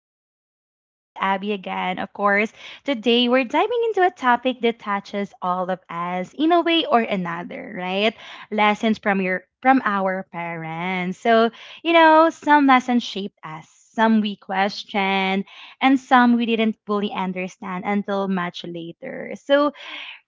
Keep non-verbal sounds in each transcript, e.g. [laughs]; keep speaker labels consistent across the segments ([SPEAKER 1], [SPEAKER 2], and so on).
[SPEAKER 1] This is your host, Abby again. Of course, today we're diving into a topic that touches all of us in a way or another, right? Lessons from your from our parents. So, you know, some lessons shaped us, some we questioned, and some we didn't fully understand until much later. So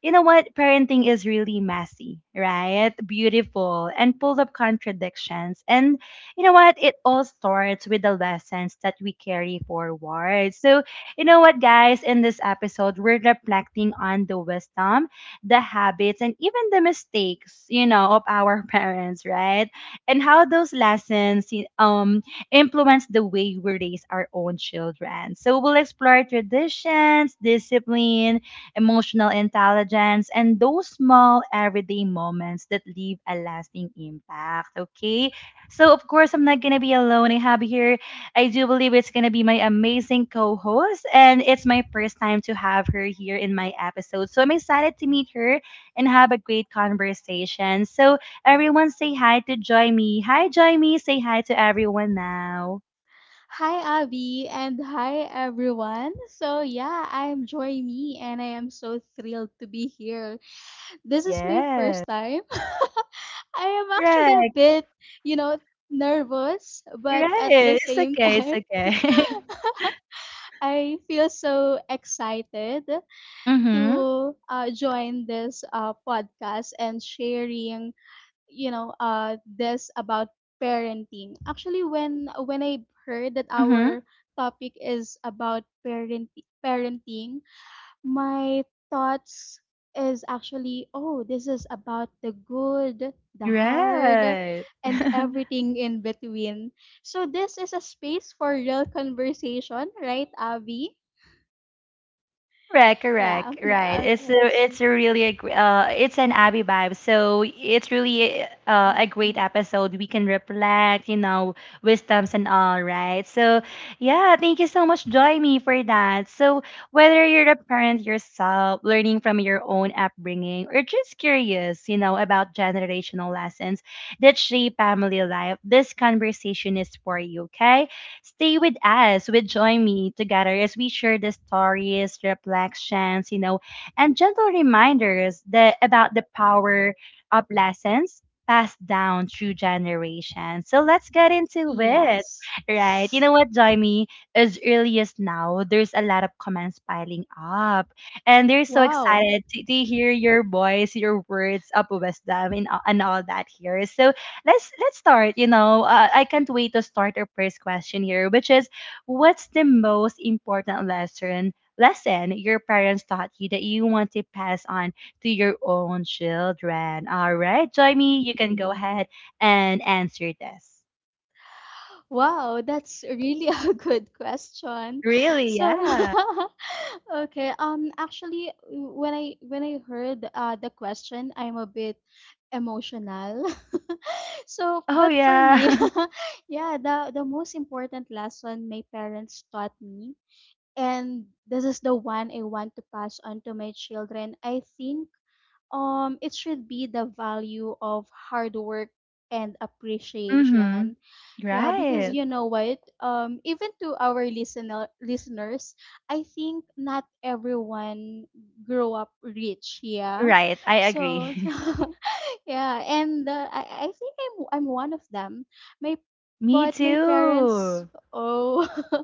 [SPEAKER 1] you know what? Parenting is really messy, right? Beautiful and full of contradictions. And you know what? It all starts with the lessons that we carry forward. So, you know what, guys? In this episode, we're reflecting on the wisdom, the habits, and even the mistakes, you know, of our [laughs] parents, right? And how those lessons influence the way we raise our own children. So, we'll explore traditions, discipline, emotional intelligence, and those small everyday moments that leave a lasting impact. Okay. So, of course, I'm not going to be alone. I have here, I do believe it's going to be my amazing co host, and it's my first time to have her here in my episode. So, I'm excited to meet her and have a great conversation. So, everyone say hi to Joy Me. Hi, Joy Me. Say hi to everyone now.
[SPEAKER 2] Hi, Abby, and hi, everyone. So, yeah, I'm Joy Me, and I am so thrilled to be here. This is my
[SPEAKER 1] Yes.
[SPEAKER 2] first time. [laughs] I am actually a
[SPEAKER 1] Correct.
[SPEAKER 2] bit, you know, nervous, but at the
[SPEAKER 1] Right. It's
[SPEAKER 2] same
[SPEAKER 1] okay. It's
[SPEAKER 2] time, [laughs]
[SPEAKER 1] okay.
[SPEAKER 2] I feel so excited
[SPEAKER 1] [laughs] Mm-hmm.
[SPEAKER 2] to join this podcast and sharing you know this about parenting actually when I heard that
[SPEAKER 1] Mhm.
[SPEAKER 2] our topic is about parenting. My thoughts is actually, oh, this is about the good, the hard,
[SPEAKER 1] Right.
[SPEAKER 2] and
[SPEAKER 1] [laughs]
[SPEAKER 2] everything in between. So this is a space for real conversation, right, Abby?
[SPEAKER 1] Correct,
[SPEAKER 2] Yeah.
[SPEAKER 1] correct,
[SPEAKER 2] [laughs]
[SPEAKER 1] right.
[SPEAKER 2] Okay.
[SPEAKER 1] It's a really a, it's an Abby vibe. So it's really a great episode. We can reflect, you know, wisdoms and all, right? So yeah, thank you so much, Joy Me, for that. So whether you're a parent yourself, learning from your own upbringing, or just curious, you know, about generational lessons that shape family life, this conversation is for you, okay? Stay with us, with Join Me together as we share the stories, reflections, you know, and gentle reminders that about the power of lessons passed down through generations. So let's get into it.
[SPEAKER 2] Yes.
[SPEAKER 1] Right. You know what, Join Me? As early as now, there's a lot of comments piling up. And they're so
[SPEAKER 2] Wow.
[SPEAKER 1] excited to hear your voice, your words of wisdom, and, all that here. So let's start. You know, I can't wait to start our first question here, which is, what's the most important lesson your parents taught you that you want to pass on to your own children? All right, Joymi, you can go ahead and answer this.
[SPEAKER 2] Wow, that's really [laughs] a good question.
[SPEAKER 1] Really?
[SPEAKER 2] So,
[SPEAKER 1] Yeah.
[SPEAKER 2] [laughs] okay, actually, when I heard the question, I'm a bit emotional. [laughs] So,
[SPEAKER 1] Oh
[SPEAKER 2] but for
[SPEAKER 1] yeah.
[SPEAKER 2] me, [laughs] yeah, the most important lesson my parents taught me, and this is the one I want to pass on to my children. I think it should be the value of hard work and
[SPEAKER 1] [laughs]
[SPEAKER 2] appreciation.
[SPEAKER 1] Mhm.
[SPEAKER 2] Yeah, because
[SPEAKER 1] Right.
[SPEAKER 2] you know what, even to our listeners, I think not everyone grew up rich. Yeah.
[SPEAKER 1] Right. I
[SPEAKER 2] So
[SPEAKER 1] agree.
[SPEAKER 2] [laughs] yeah, and I think I'm one of them. My
[SPEAKER 1] [laughs] Me
[SPEAKER 2] but my parents,
[SPEAKER 1] too.
[SPEAKER 2] oh, [laughs]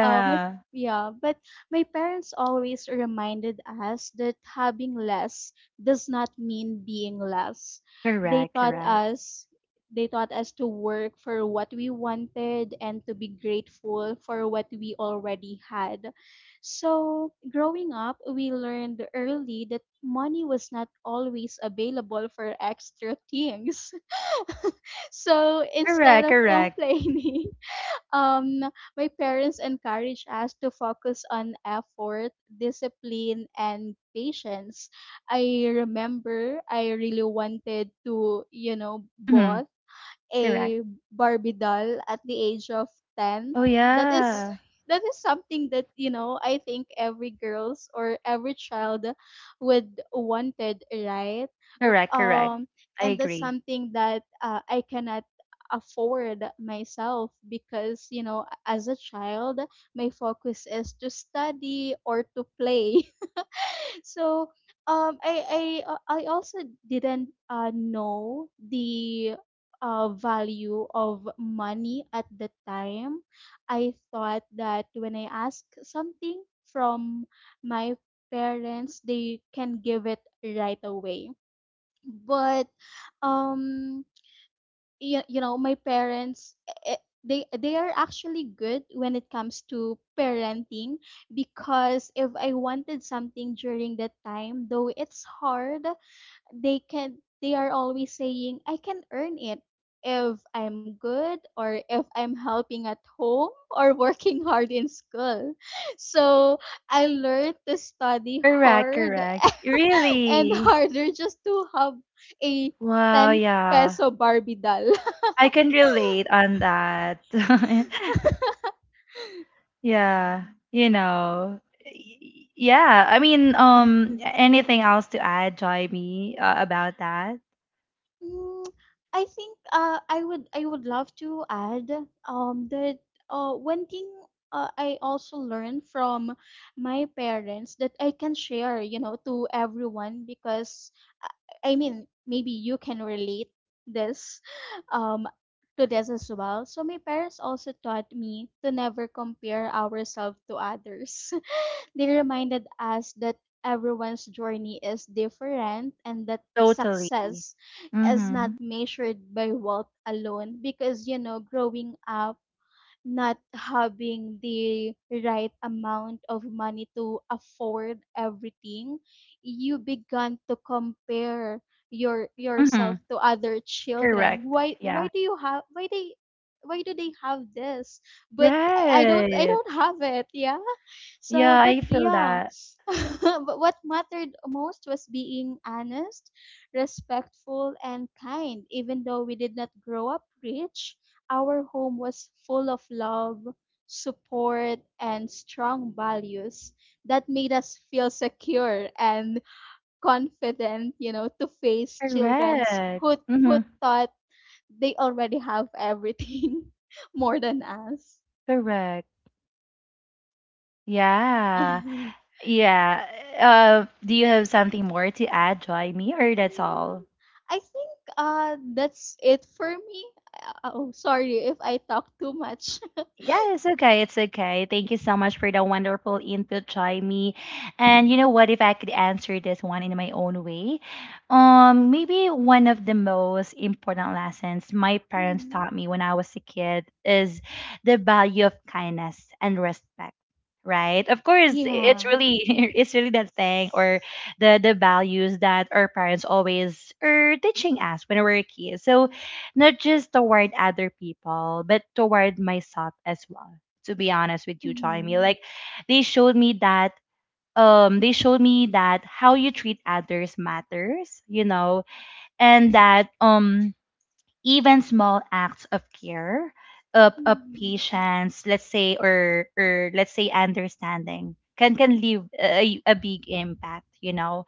[SPEAKER 2] my yeah, but my parents always reminded us that having less does not mean being less. They
[SPEAKER 1] Correct,
[SPEAKER 2] taught
[SPEAKER 1] correct.
[SPEAKER 2] us they taught us to work for what we wanted and to be grateful for what we already had. So, growing up, we learned early that money was not always available for extra things. [laughs] So, instead
[SPEAKER 1] Correct,
[SPEAKER 2] of
[SPEAKER 1] correct.
[SPEAKER 2] complaining, [laughs] um, my parents encouraged us to focus on effort, discipline, and patience. I remember I really wanted to, you know,
[SPEAKER 1] Mm-hmm.
[SPEAKER 2] bought
[SPEAKER 1] Correct.
[SPEAKER 2] a Barbie doll at the age of 10.
[SPEAKER 1] Oh,
[SPEAKER 2] That is
[SPEAKER 1] yeah.
[SPEAKER 2] that is something that, you know, I think every girls or every child would wanted, right?
[SPEAKER 1] Correct, correct.
[SPEAKER 2] Um
[SPEAKER 1] I
[SPEAKER 2] and that's
[SPEAKER 1] agree.
[SPEAKER 2] something that I cannot afford myself because, you know, as a child, my focus is to study or to play. So I also didn't know the value of money at the time. I thought that when I ask something from my parents, they can give it right away. But um you know, my parents, they are actually good when it comes to parenting, because if I wanted something during that time, though it's hard, they can they are always saying I can earn it if I'm good or if I'm helping at home [laughs] or working hard in school. [laughs] So I learned to study
[SPEAKER 1] Correct,
[SPEAKER 2] hard
[SPEAKER 1] correct.
[SPEAKER 2] [laughs] and
[SPEAKER 1] Really?
[SPEAKER 2] harder just to have a
[SPEAKER 1] Wow,
[SPEAKER 2] 10
[SPEAKER 1] yeah.
[SPEAKER 2] peso barbie doll. [laughs]
[SPEAKER 1] I can relate on that. [laughs] Yeah, you know. Yeah, I mean,
[SPEAKER 2] [laughs]
[SPEAKER 1] anything else to add, Joy Me, about that?
[SPEAKER 2] Mm, I think I would love to add that one thing I also learned from my parents that I can share, you know, to everyone. Because I mean, maybe you can relate this [laughs] um to this as well. So my parents also taught me to never compare ourselves to others. [laughs] They reminded us that everyone's journey is different and that
[SPEAKER 1] Totally.
[SPEAKER 2] success is
[SPEAKER 1] Mm-hmm.
[SPEAKER 2] not measured by wealth alone. Because you know, growing up, not having the right amount of money to afford everything, you began to compare
[SPEAKER 1] Mm-hmm.
[SPEAKER 2] yourself to other children.
[SPEAKER 1] Correct.
[SPEAKER 2] Why
[SPEAKER 1] Yeah.
[SPEAKER 2] do you have, why they, why do they have this, but I
[SPEAKER 1] Right.
[SPEAKER 2] don't have it. Yeah. So
[SPEAKER 1] Yeah,
[SPEAKER 2] but
[SPEAKER 1] I feel
[SPEAKER 2] yeah.
[SPEAKER 1] that.
[SPEAKER 2] [laughs] But what mattered most was being honest, respectful, and kind. Even though we did not grow up rich, our home was full of love, support, and strong values that made us feel secure and confident, you know, to face children's
[SPEAKER 1] Correct. Mm-hmm.
[SPEAKER 2] who thought they already have everything [laughs] more than us.
[SPEAKER 1] Correct. Yeah.
[SPEAKER 2] [laughs]
[SPEAKER 1] Yeah. Do you have something more to add, Joy Me, or that's
[SPEAKER 2] Mm,
[SPEAKER 1] all?
[SPEAKER 2] I think that's it for me. Oh, sorry if I talk too much. [laughs]
[SPEAKER 1] Yeah, it's okay. It's okay. Thank you so much for the wonderful input, Jaime. And you know what? If I could answer this one in my own way, maybe one of the most important lessons my parents
[SPEAKER 2] Mhm.
[SPEAKER 1] taught me when I was a kid is the value of kindness and respect. Right? Of course, it's
[SPEAKER 2] Yeah.
[SPEAKER 1] really [laughs] it's really that thing or the values that our parents always are teaching us when we were kids. So not just toward other people, but toward myself as well. To be honest with you, Jaime,
[SPEAKER 2] Mhm.
[SPEAKER 1] like they showed me that they showed me that how you treat others matters, you know, and that even small acts of care, of
[SPEAKER 2] Mhm.
[SPEAKER 1] patience, let's say, or let's say understanding can leave a big impact, you know.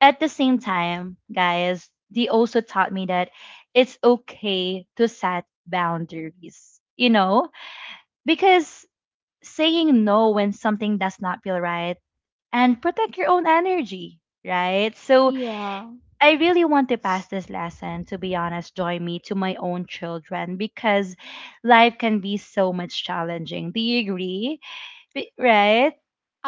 [SPEAKER 1] At the same time, guys, they also taught me that it's okay to set boundaries, you know? Because saying no when something does not feel right and protect your own energy, right? So
[SPEAKER 2] Yeah.
[SPEAKER 1] I really want to pass this lesson, to be honest, joy me, to my own children because life can be so much challenging. Do you agree? Right?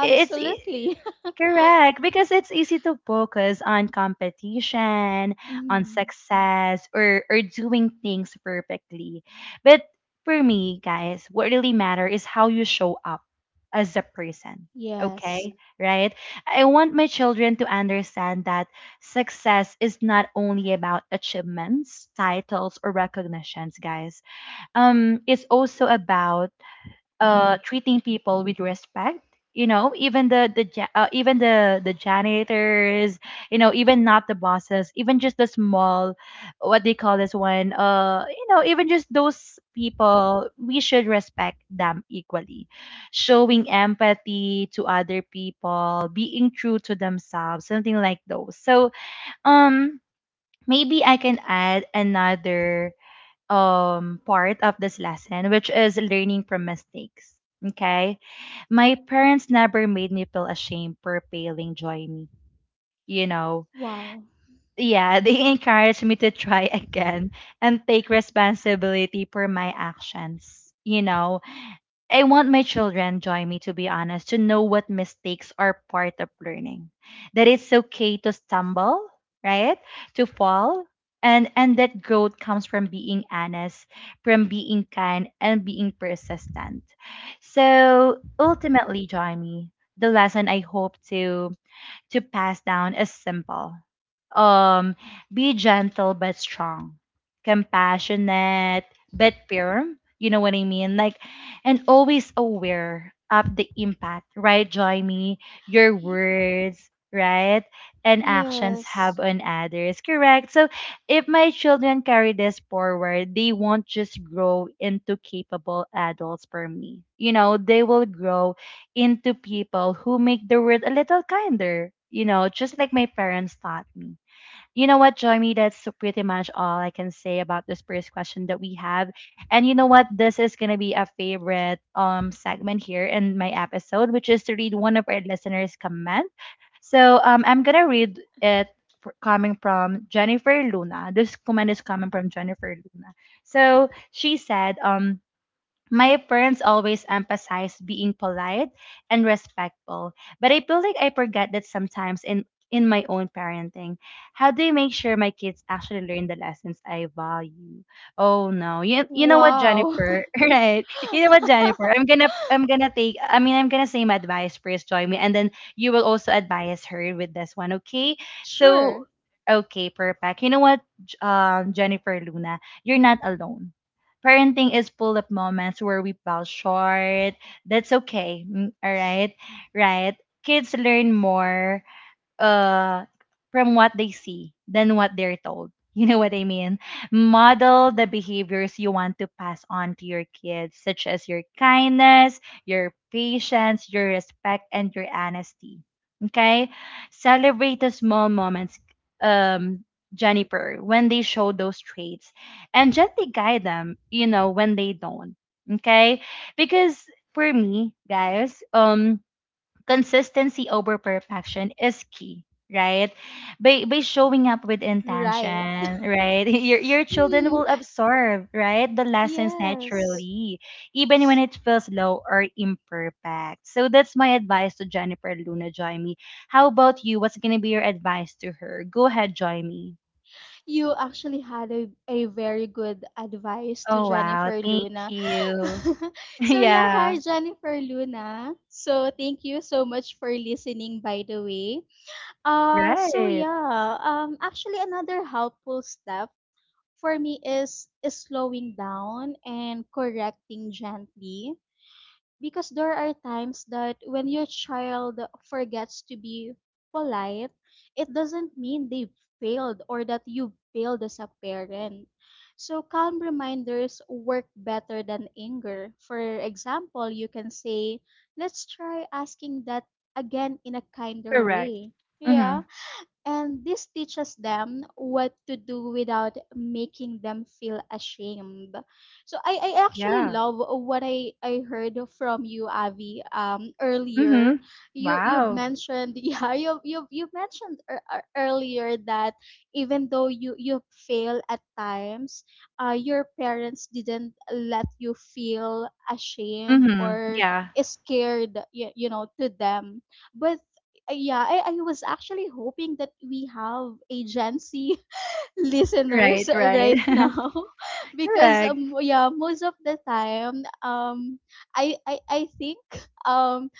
[SPEAKER 1] It's e,
[SPEAKER 2] [laughs]
[SPEAKER 1] Correct, because it's easy to focus on competition, on
[SPEAKER 2] Mm,
[SPEAKER 1] success, or doing things perfectly. But for me, guys, what really matter is how you show up as a person.
[SPEAKER 2] yes.
[SPEAKER 1] Okay, right? I want my children to understand that success is not only about achievements, titles, or recognitions, guys. It's also about treating people with respect, you know, even the even the janitors, you know, even not the bosses, even just the small, what they call this one, you know, even just those people we should respect them equally, showing empathy to other people, being true to themselves, something like those. So um maybe I can add another part of this lesson, which is learning from mistakes. Okay. My parents never made me feel ashamed for failing, Join me. You know,
[SPEAKER 2] Wow.
[SPEAKER 1] yeah, they [laughs] encouraged me to try again and take responsibility for my actions. You know, I want my children, join me, to be honest, to know what mistakes are part of learning. That it's okay to stumble, right? To fall. And that growth comes from being honest, from being kind and being persistent. So ultimately, Johnny, the lesson I hope to pass down is simple. Um, be gentle but strong, compassionate but firm. You know what I mean? Like, and always aware of the impact, right, Joyme? Your
[SPEAKER 2] Y-
[SPEAKER 1] words, right, and actions have
[SPEAKER 2] yes.
[SPEAKER 1] on others, correct? So, if my children carry this forward, they won't just grow into capable adults for me. You know, they will grow into people who make the world a little kinder, you know, just like my parents taught me. You know what, Joyme, that's pretty much all I can say about this first question that we have. And you know what, this is gonna be a favorite segment here in my episode, which is to read one of our listeners' comment. So I'm gonna read it coming from Jennifer Luna. This comment is coming from Jennifer Luna. So she said, my parents always emphasize being polite and respectful, but I feel like I forget that sometimes in my own parenting. How do you make sure my kids actually learn the lessons I value? Oh no. You know what,
[SPEAKER 2] Wow.
[SPEAKER 1] Jennifer? [laughs] Right. You know what, Jennifer?
[SPEAKER 2] [laughs]
[SPEAKER 1] I'm gonna take I mean I'm gonna say my advice first, join me, and then you will also advise her with this one, okay? So
[SPEAKER 2] Sure.
[SPEAKER 1] okay, perfect. You know what, Jennifer Luna, you're not alone. Parenting is full of moments where we fall short. That's okay. All right. Right. Kids learn more uh from what they see than what they're told. [laughs] You know what I mean? Model the behaviors you want to pass on to your kids, such as your kindness, your patience, your respect, and your honesty. Okay? Celebrate the small moments, um, Jennifer, when they show those traits and gently guide them, you know, when they don't. Okay? Because for me, guys, consistency over perfection is key, right? By showing up with
[SPEAKER 2] Right.
[SPEAKER 1] intention, right, [laughs] your children
[SPEAKER 2] Hmm.
[SPEAKER 1] will absorb, right, the lessons
[SPEAKER 2] Yes.
[SPEAKER 1] naturally, even when it feels low or imperfect. So that's my advice to Jennifer Luna, Joyme. How about you, what's gonna be your advice to her? Go ahead, Joyme.
[SPEAKER 2] You actually had a very good advice to
[SPEAKER 1] Oh wow,
[SPEAKER 2] Jennifer
[SPEAKER 1] thank
[SPEAKER 2] Luna. [laughs]
[SPEAKER 1] you. [laughs]
[SPEAKER 2] So yeah,
[SPEAKER 1] Yeah.
[SPEAKER 2] hi Jennifer Luna. So thank you so much for listening, by the way. Uh, so
[SPEAKER 1] Right.
[SPEAKER 2] yeah, actually another helpful step for me is slowing down and correcting gently, because there are times that when your child forgets to be polite, it doesn't mean they failed or that you failed as a parent. So calm reminders work better than anger. For example, you can say, let's try asking that again in a kinder
[SPEAKER 1] Correct.
[SPEAKER 2] way.
[SPEAKER 1] Mm-hmm.
[SPEAKER 2] Yeah. And this teaches them what to do without making them feel ashamed. So I actually
[SPEAKER 1] Yeah.
[SPEAKER 2] love what I heard from you, Avi, earlier.
[SPEAKER 1] Mm-hmm.
[SPEAKER 2] You
[SPEAKER 1] Wow.
[SPEAKER 2] mentioned [laughs] yeah, you mentioned earlier that even though you fail at times, your parents didn't let you feel ashamed
[SPEAKER 1] Mm-hmm.
[SPEAKER 2] or
[SPEAKER 1] Yeah.
[SPEAKER 2] scared you know, to them. But yeah, I was actually hoping that we have agency [laughs] listeners
[SPEAKER 1] Right,
[SPEAKER 2] right
[SPEAKER 1] right.
[SPEAKER 2] now [laughs]
[SPEAKER 1] [laughs]
[SPEAKER 2] because
[SPEAKER 1] Correct.
[SPEAKER 2] yeah, most of the time, I think um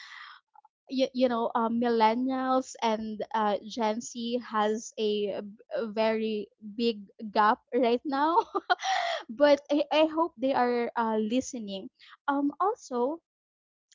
[SPEAKER 2] you know, millennials and Gen Z has a, a very big gap right now, [laughs] but I hope they are listening. Also,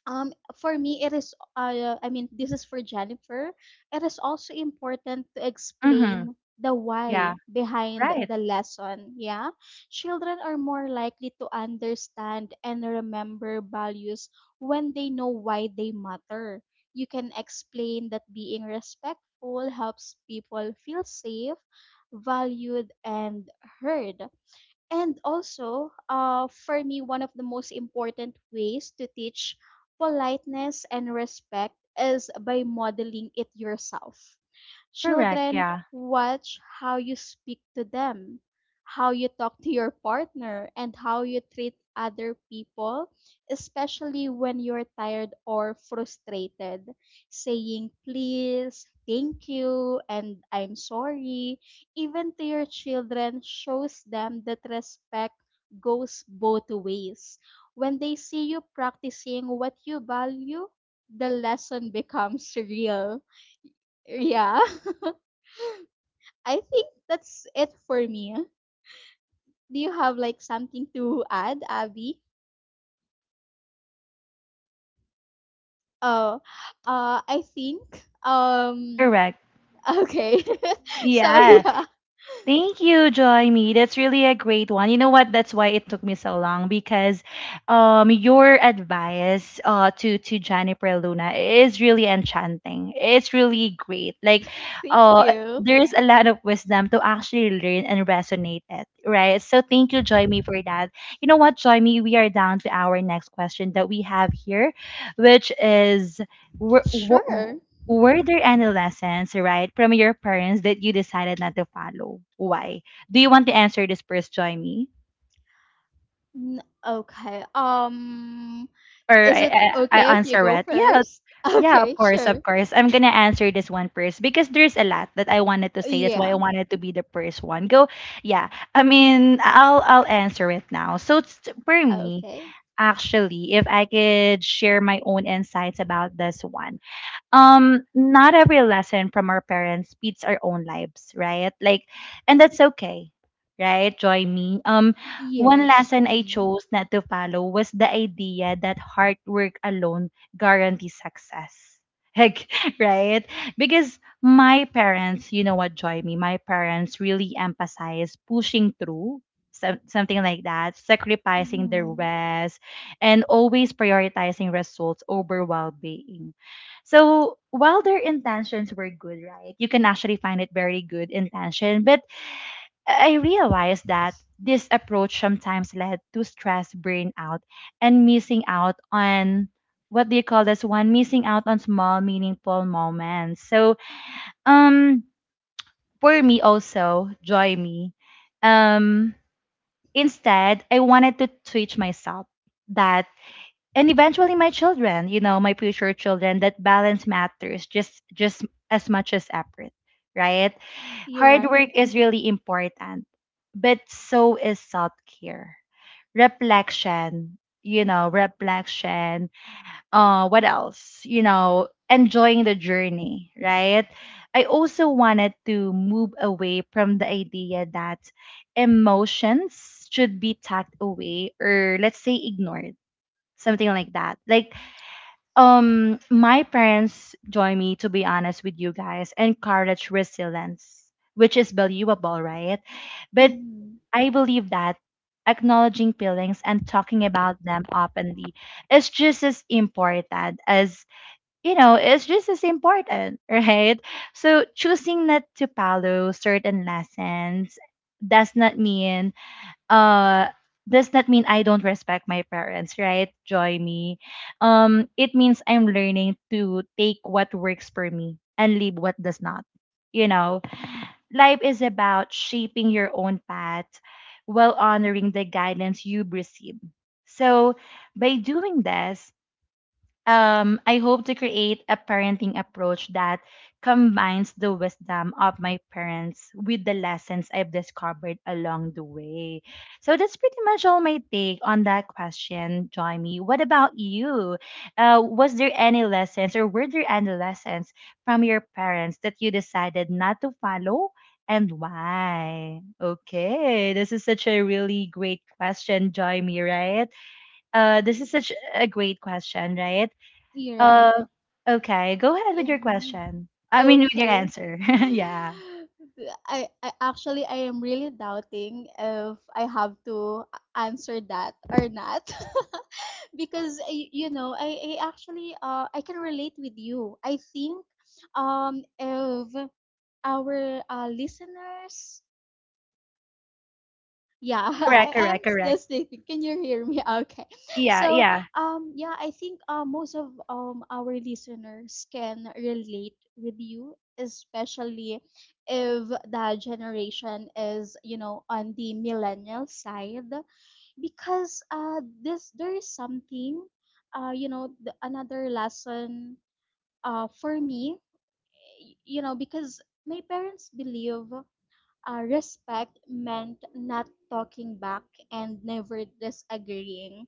[SPEAKER 2] um for me, it is I mean, this is for Jennifer, it is also important to
[SPEAKER 1] Mm-hmm.
[SPEAKER 2] explain the
[SPEAKER 1] Yeah.
[SPEAKER 2] why behind
[SPEAKER 1] Right.
[SPEAKER 2] the lesson. Yeah. Children are more likely to understand and remember values when they know why they matter. You can explain that being respectful helps people feel safe, valued, and heard. And also, for me, one of the most important ways to teach politeness and respect is by modeling it yourself.
[SPEAKER 1] Correct.
[SPEAKER 2] Children
[SPEAKER 1] Yeah.
[SPEAKER 2] watch how you speak to them, how you talk to your partner, and how you treat other people, especially when you're tired or frustrated. Saying please, thank you, and I'm sorry, even to your children, shows them that respect goes both ways. When they see you practicing what you value, the lesson [laughs] becomes real. Yeah. [laughs] I think that's it for me. Do you have like something to add, Abby? Oh, I think um
[SPEAKER 1] Correct.
[SPEAKER 2] okay. [laughs] So
[SPEAKER 1] Yes.
[SPEAKER 2] yeah,
[SPEAKER 1] Thank you, Joy Me. That's really a great one. You know what? That's why it took me so long because your advice to Jennifer Luna is really enchanting. It's really great. Like
[SPEAKER 2] thank
[SPEAKER 1] uh
[SPEAKER 2] you.
[SPEAKER 1] there's a lot of wisdom to actually learn and resonate it, right? So thank you, Joy Me, for that. You know what, Joy Me? We are down to our next question that we have here, which is wh-
[SPEAKER 2] Sure.
[SPEAKER 1] were there any lessons, right, from your parents that you decided not to follow? Why? Do you want to answer this first, Joy Me?
[SPEAKER 2] Okay.
[SPEAKER 1] Or
[SPEAKER 2] Is it okay
[SPEAKER 1] I
[SPEAKER 2] if you
[SPEAKER 1] answer
[SPEAKER 2] go
[SPEAKER 1] it? Yeah,
[SPEAKER 2] first? [laughs]
[SPEAKER 1] yeah, of
[SPEAKER 2] Okay,
[SPEAKER 1] course,
[SPEAKER 2] sure.
[SPEAKER 1] of course. I'm gonna answer this one first because there's a lot that I wanted to say. That's why
[SPEAKER 2] Yeah.
[SPEAKER 1] I wanted to be the first one. Go, yeah. I mean, I'll answer it now. So it's, for me,
[SPEAKER 2] Okay.
[SPEAKER 1] actually, if I could share my own insights about this one, not every lesson from our parents beats our own lives, right? Like, and that's okay, right, join me One
[SPEAKER 2] Yes.
[SPEAKER 1] lesson I
[SPEAKER 2] Mm-mm.
[SPEAKER 1] chose not to follow was the idea that hard work alone guarantees success, [laughs] like, right? Because my parents, you know what, Joy Me, my parents really emphasize pushing through, something like that, sacrificing their
[SPEAKER 2] Mm-hmm.
[SPEAKER 1] rest and always prioritizing results over well-being. So while their intentions were good, right? You can actually find it very good intention. But I realized that this approach sometimes led to stress, burnout, and missing out on, what do you call this one? Missing out on small, meaningful moments. So um for me also, Joy Me. Um Instead, I wanted to teach myself that, and eventually my children, you know, my future children, that balance matters just as much as effort, right?
[SPEAKER 2] You're
[SPEAKER 1] Hard
[SPEAKER 2] right.
[SPEAKER 1] work is really important, but so is self care, reflection, you know, reflection, what else, you know, enjoying the journey, right? I also wanted to move away from the idea that emotions should be tucked away or, let's say, ignored, something like that, like, my parents, join me, to be honest with you guys, encourage resilience, which is believable, right? But
[SPEAKER 2] Mm-hmm.
[SPEAKER 1] I believe that acknowledging feelings and talking about them openly is just as important as, you know, it's just as important, [laughs] right? So choosing not to follow certain lessons does not mean, uh does not mean I don't respect my parents, right? Joy Me. It means I'm learning to take what works for me and leave what does not. You know, life is about shaping your own path while honoring the guidance you've received. So, by doing this, I hope to create a parenting approach that combines the wisdom of my parents with the lessons I've discovered along the way. So that's pretty much all my take on that question, Joymi. What about you? Was there any lessons, or were there any lessons from your parents that you decided not to follow? And why? Okay, this is such a really great question, Joymi, right? This is such a great question, right?
[SPEAKER 2] You're right.
[SPEAKER 1] Uh, okay. Go ahead with your
[SPEAKER 2] Yeah.
[SPEAKER 1] question. I mean, with your
[SPEAKER 2] Okay.
[SPEAKER 1] answer. [laughs] Yeah.
[SPEAKER 2] I actually I am really doubting if I have to answer that or not. [laughs] Because I, you know, I actually I can relate with you. I think if our listeners, yeah, [laughs]
[SPEAKER 1] Correct.
[SPEAKER 2] I
[SPEAKER 1] Correct.
[SPEAKER 2] am still
[SPEAKER 1] Correct.
[SPEAKER 2] sleeping, can you hear me? [laughs] Okay.
[SPEAKER 1] Yeah.
[SPEAKER 2] So
[SPEAKER 1] Yeah.
[SPEAKER 2] yeah, I think most of our listeners can relate with you, especially if the generation is, you know, on the millennial side. Because this there is something, you know, another lesson for me. You know, because my parents believe respect meant not talking back and never disagreeing.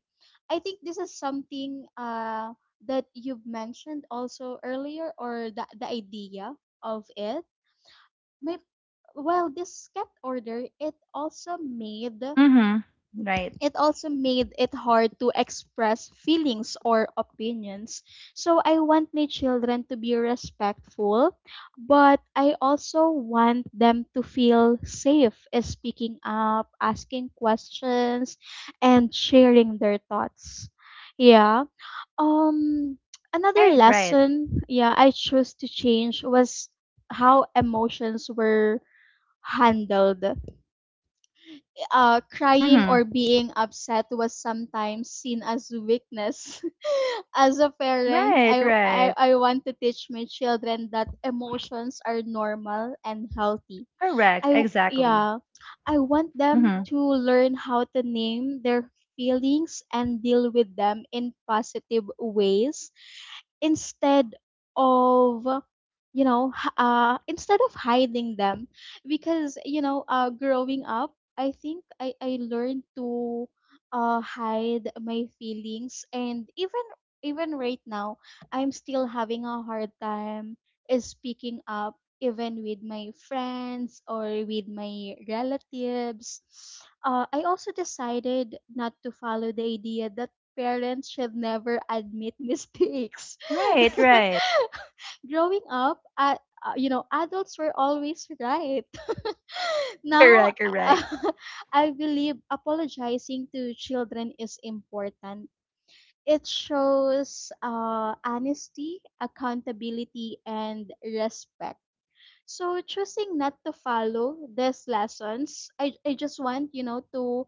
[SPEAKER 2] I think this is something that you've mentioned also earlier, or the idea of it. May, well, this cat order, it also made
[SPEAKER 1] Mhm. Right.
[SPEAKER 2] it also made it hard to express feelings or opinions. So I want my children to be respectful, but I also want them to feel safe in speaking up, asking questions, and sharing their thoughts. Yeah. Um Another
[SPEAKER 1] Right. Right.
[SPEAKER 2] lesson, yeah, I chose to change was how emotions were handled. Uh, crying
[SPEAKER 1] Mhm.
[SPEAKER 2] or being upset was sometimes seen as weakness. [laughs] As a parent,
[SPEAKER 1] Right. Right.
[SPEAKER 2] I want to teach my children that emotions are normal and healthy.
[SPEAKER 1] Correct.
[SPEAKER 2] I
[SPEAKER 1] Exactly.
[SPEAKER 2] Yeah, I want them
[SPEAKER 1] Mhm.
[SPEAKER 2] to learn how to name their feelings and deal with them in positive ways instead of, instead of hiding them. Because you know, growing up, I learned to hide my feelings, and even even right now I'm still having a hard time is speaking up even with my friends or with my relatives. Uh, I also decided not to follow the idea that parents should never admit mistakes. [laughs]
[SPEAKER 1] Right. Right.
[SPEAKER 2] Growing up, you know, adults were always right. [laughs]
[SPEAKER 1] [laughs]
[SPEAKER 2] Now,
[SPEAKER 1] Correct. Correct.
[SPEAKER 2] uh, [laughs] I believe apologizing to children is important. It shows honesty, accountability, and respect. So choosing not to follow these lessons, I just want, you know, to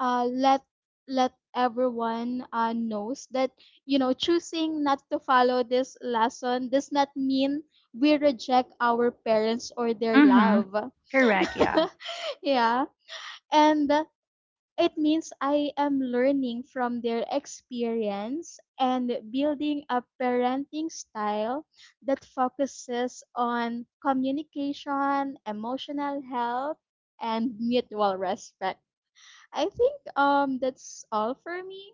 [SPEAKER 2] let everyone knows that, you know, choosing not to follow this lesson does not mean we reject our parents or their
[SPEAKER 1] Mhm.
[SPEAKER 2] love.
[SPEAKER 1] Correct.
[SPEAKER 2] [laughs]
[SPEAKER 1] Yeah.
[SPEAKER 2] Yeah, and it means I am learning from their experience and building a parenting style that focuses on communication, emotional health, and mutual respect. I think that's all for me.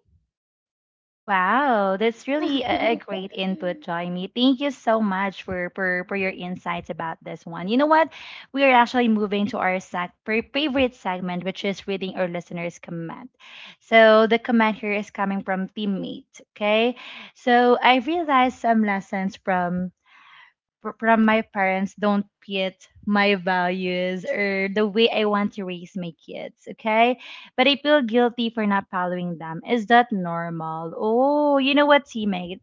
[SPEAKER 1] Wow, that's really a
[SPEAKER 2] [laughs]
[SPEAKER 1] great input, Jaime. Thank you so much for, for your insights about this one. You know what? We are actually moving to our favorite segment, which is reading our listeners' comment. So the comment here is coming from teammate. Okay, so I realized some lessons from from my parents don't fit my values or the way I want to raise my kids, okay? But I feel guilty for not following them. Is that normal? Oh, you know what, teammate?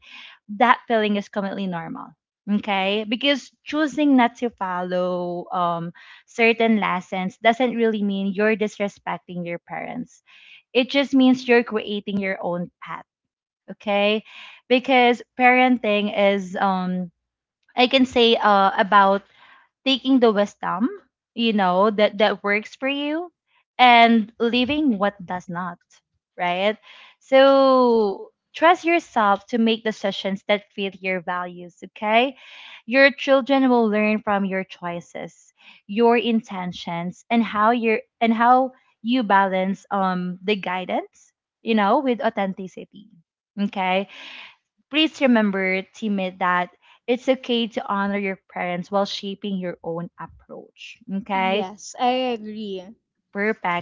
[SPEAKER 1] That feeling is completely normal. Okay, because choosing not to follow certain lessons doesn't really mean you're disrespecting your parents. It just means you're creating your own path. Okay, because parenting is I can say about taking the wisdom, you know, that that works for you, and leaving what does not, right? So trust yourself to make decisions that fit your values. Okay, your children will learn from your choices, your intentions, and how you balance the guidance, you know, with authenticity. Okay. Please remember, teammate, that it's okay to honor your parents while shaping your own approach. Okay?
[SPEAKER 2] Yes, I agree.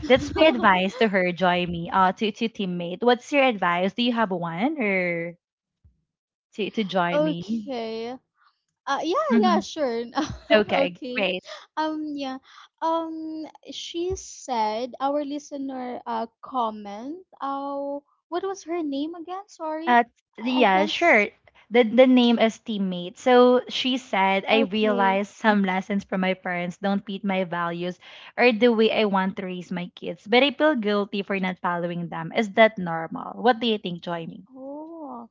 [SPEAKER 2] [laughs]
[SPEAKER 1] That's my advice to her, Joy Me. To teammate. What's your advice? Do you have one, or to Joy Me?
[SPEAKER 2] Okay. Yeah, yeah,
[SPEAKER 1] hmm
[SPEAKER 2] sure. [laughs]
[SPEAKER 1] Okay,
[SPEAKER 2] Okay.
[SPEAKER 1] great.
[SPEAKER 2] Yeah. Um, she said our listener, uh, comment. Oh, what was her name again? Sorry,
[SPEAKER 1] Uh,
[SPEAKER 2] I
[SPEAKER 1] yeah,
[SPEAKER 2] can't. S-
[SPEAKER 1] sure. The name is teammate. So she said, I
[SPEAKER 2] okay.
[SPEAKER 1] realized some lessons from my parents don't fit my values or the way I want to raise my kids, but I feel guilty for not following them. Is that normal? What do you think, Joining?
[SPEAKER 2] Oh.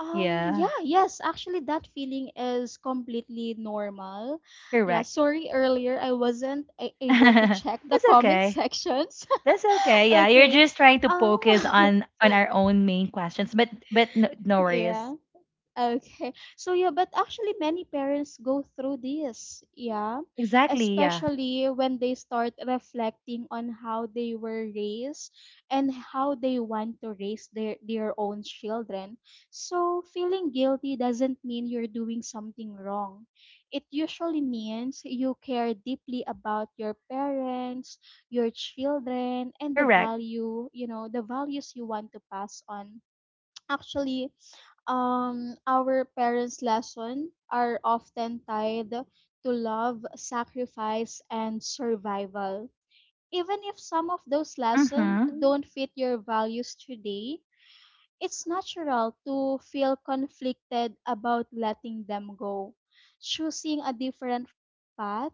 [SPEAKER 1] Yeah,
[SPEAKER 2] Yeah. Yes, actually, that feeling is completely normal. Yeah.
[SPEAKER 1] correct.
[SPEAKER 2] Sorry. Earlier, I wasn't
[SPEAKER 1] [laughs]
[SPEAKER 2] able to check the
[SPEAKER 1] That's
[SPEAKER 2] comment
[SPEAKER 1] okay.
[SPEAKER 2] sections.
[SPEAKER 1] That's okay.
[SPEAKER 2] [laughs]
[SPEAKER 1] Yeah, you're
[SPEAKER 2] Okay.
[SPEAKER 1] just trying to focus
[SPEAKER 2] Um.
[SPEAKER 1] on our own main questions, but no, no
[SPEAKER 2] [laughs]
[SPEAKER 1] worries.
[SPEAKER 2] Yeah. Okay. So yeah, but actually many parents go through this, yeah.
[SPEAKER 1] Exactly. Yeah,
[SPEAKER 2] Especially when they start reflecting on how they were raised and how they want to raise their own children. So feeling guilty doesn't mean you're doing something wrong. It usually means you care deeply about your parents, your children, and the
[SPEAKER 1] correct.
[SPEAKER 2] value, you know, the values you want to pass on. Actually, our parents' lessons are often tied to love, sacrifice, and survival. Even if some of those lessons
[SPEAKER 1] Mm-hmm.
[SPEAKER 2] don't fit your values today, it's natural to feel conflicted about letting them go. Choosing a different path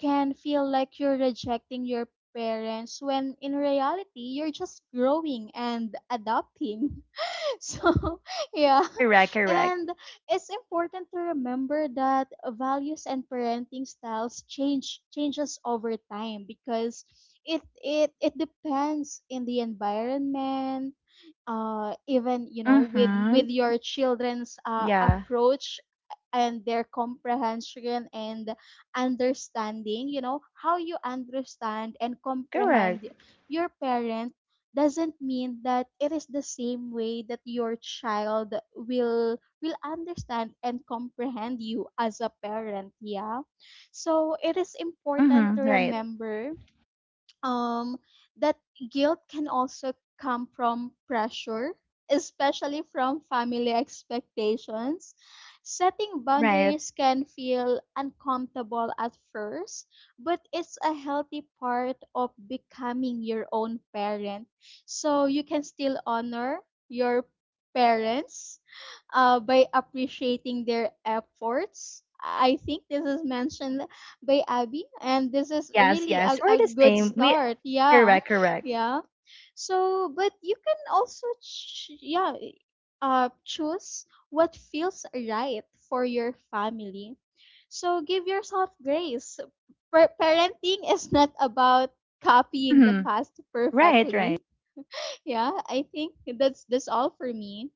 [SPEAKER 2] can feel like you're rejecting your parents when in reality you're just growing and adapting. [laughs] [laughs] so [laughs] yeah,
[SPEAKER 1] Correct. Correct.
[SPEAKER 2] and it's important to remember that values and parenting styles changes over time, because it depends in the environment, even, you know, with
[SPEAKER 1] Mm-hmm.
[SPEAKER 2] your children's
[SPEAKER 1] Yeah.
[SPEAKER 2] approach and their comprehension and understanding. You know, how you understand and
[SPEAKER 1] Correct.
[SPEAKER 2] comprehend your parents doesn't mean that it is the same way that your child will understand and comprehend you as a parent, yeah. So it is important to
[SPEAKER 1] Mm-hmm. Right.
[SPEAKER 2] remember um, that guilt can also come from pressure, especially from family expectations. Setting
[SPEAKER 1] Right.
[SPEAKER 2] boundaries can feel uncomfortable at first, but it's a healthy part of becoming your own parent. So you can still honor your parents by appreciating their efforts. I think this is mentioned by Abby, and this is
[SPEAKER 1] Yes,
[SPEAKER 2] really
[SPEAKER 1] yes. We're
[SPEAKER 2] a
[SPEAKER 1] the
[SPEAKER 2] good
[SPEAKER 1] same. We
[SPEAKER 2] start. Yeah,
[SPEAKER 1] correct, correct.
[SPEAKER 2] yeah. So, but you can also, choose what feels right for your family. So give yourself grace. Parenting is not about copying the
[SPEAKER 1] Mm-hmm.
[SPEAKER 2] past
[SPEAKER 1] Right, right.
[SPEAKER 2] perfectly. [laughs] Yeah, I think that's all for me.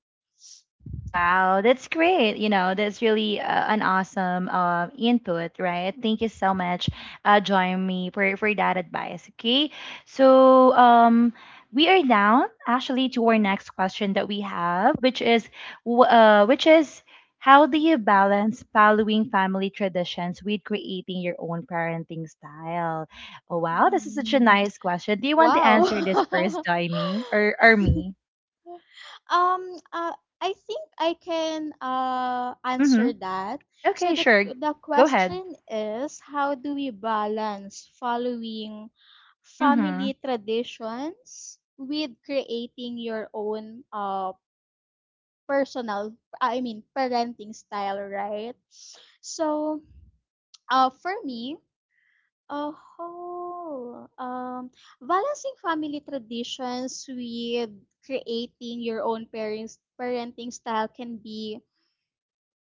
[SPEAKER 1] Wow, that's great. You know, that's really an awesome input, right? Thank you so much, join me, for that advice. Okay, so we are down actually to our next question that we have, which is, which is, how do you balance following family traditions with creating your own parenting style? Oh wow, this is such a
[SPEAKER 2] Mm.
[SPEAKER 1] nice question. Do you want to
[SPEAKER 2] Wow.
[SPEAKER 1] answer this first,
[SPEAKER 2] [laughs]
[SPEAKER 1] Jaime, or me?
[SPEAKER 2] Um, uh, I think I can
[SPEAKER 1] Mm-hmm.
[SPEAKER 2] answer that. So
[SPEAKER 1] Okay,
[SPEAKER 2] the
[SPEAKER 1] sure.
[SPEAKER 2] the
[SPEAKER 1] Go ahead.
[SPEAKER 2] question is, how do we balance following
[SPEAKER 1] Mhm.
[SPEAKER 2] family traditions with creating your own personal, I mean parenting style, right? So, for me, Oho, um, balancing family traditions with creating your own parents parenting style can be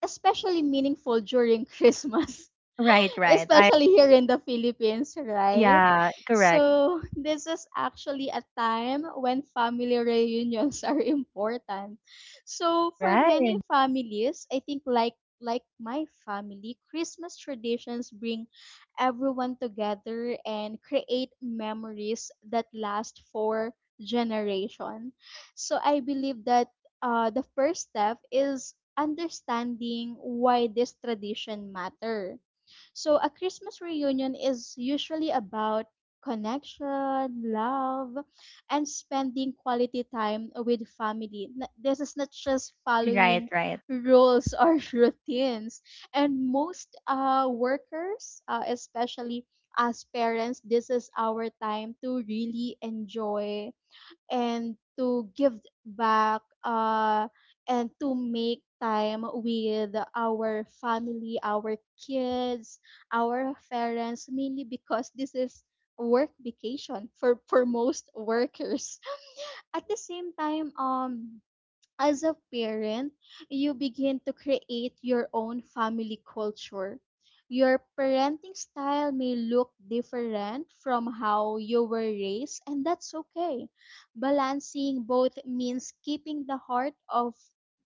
[SPEAKER 2] especially meaningful during [laughs] Christmas.
[SPEAKER 1] Right, right. I
[SPEAKER 2] Especially here in the Philippines, right?
[SPEAKER 1] yeah, correct.
[SPEAKER 2] So, this is actually a time when family reunions [laughs] are important. So, for
[SPEAKER 1] Right.
[SPEAKER 2] many families, I think like my family, Christmas traditions bring everyone together and create memories that last for generation. So I believe that the first step is understanding why this tradition matter. So a Christmas reunion is usually about connection, love, and spending quality time with family. This is not just
[SPEAKER 1] Right,
[SPEAKER 2] following
[SPEAKER 1] right.
[SPEAKER 2] rules or [laughs] routines. And most workers, especially as parents, this is our time to really enjoy and to give back, and to make time with our family, our kids, our parents, mainly because this is work vacation for most workers. [laughs] At the same time, as a parent, you begin to create your own family culture. Your parenting style may look different from how you were raised, and that's okay. Balancing both means keeping the heart of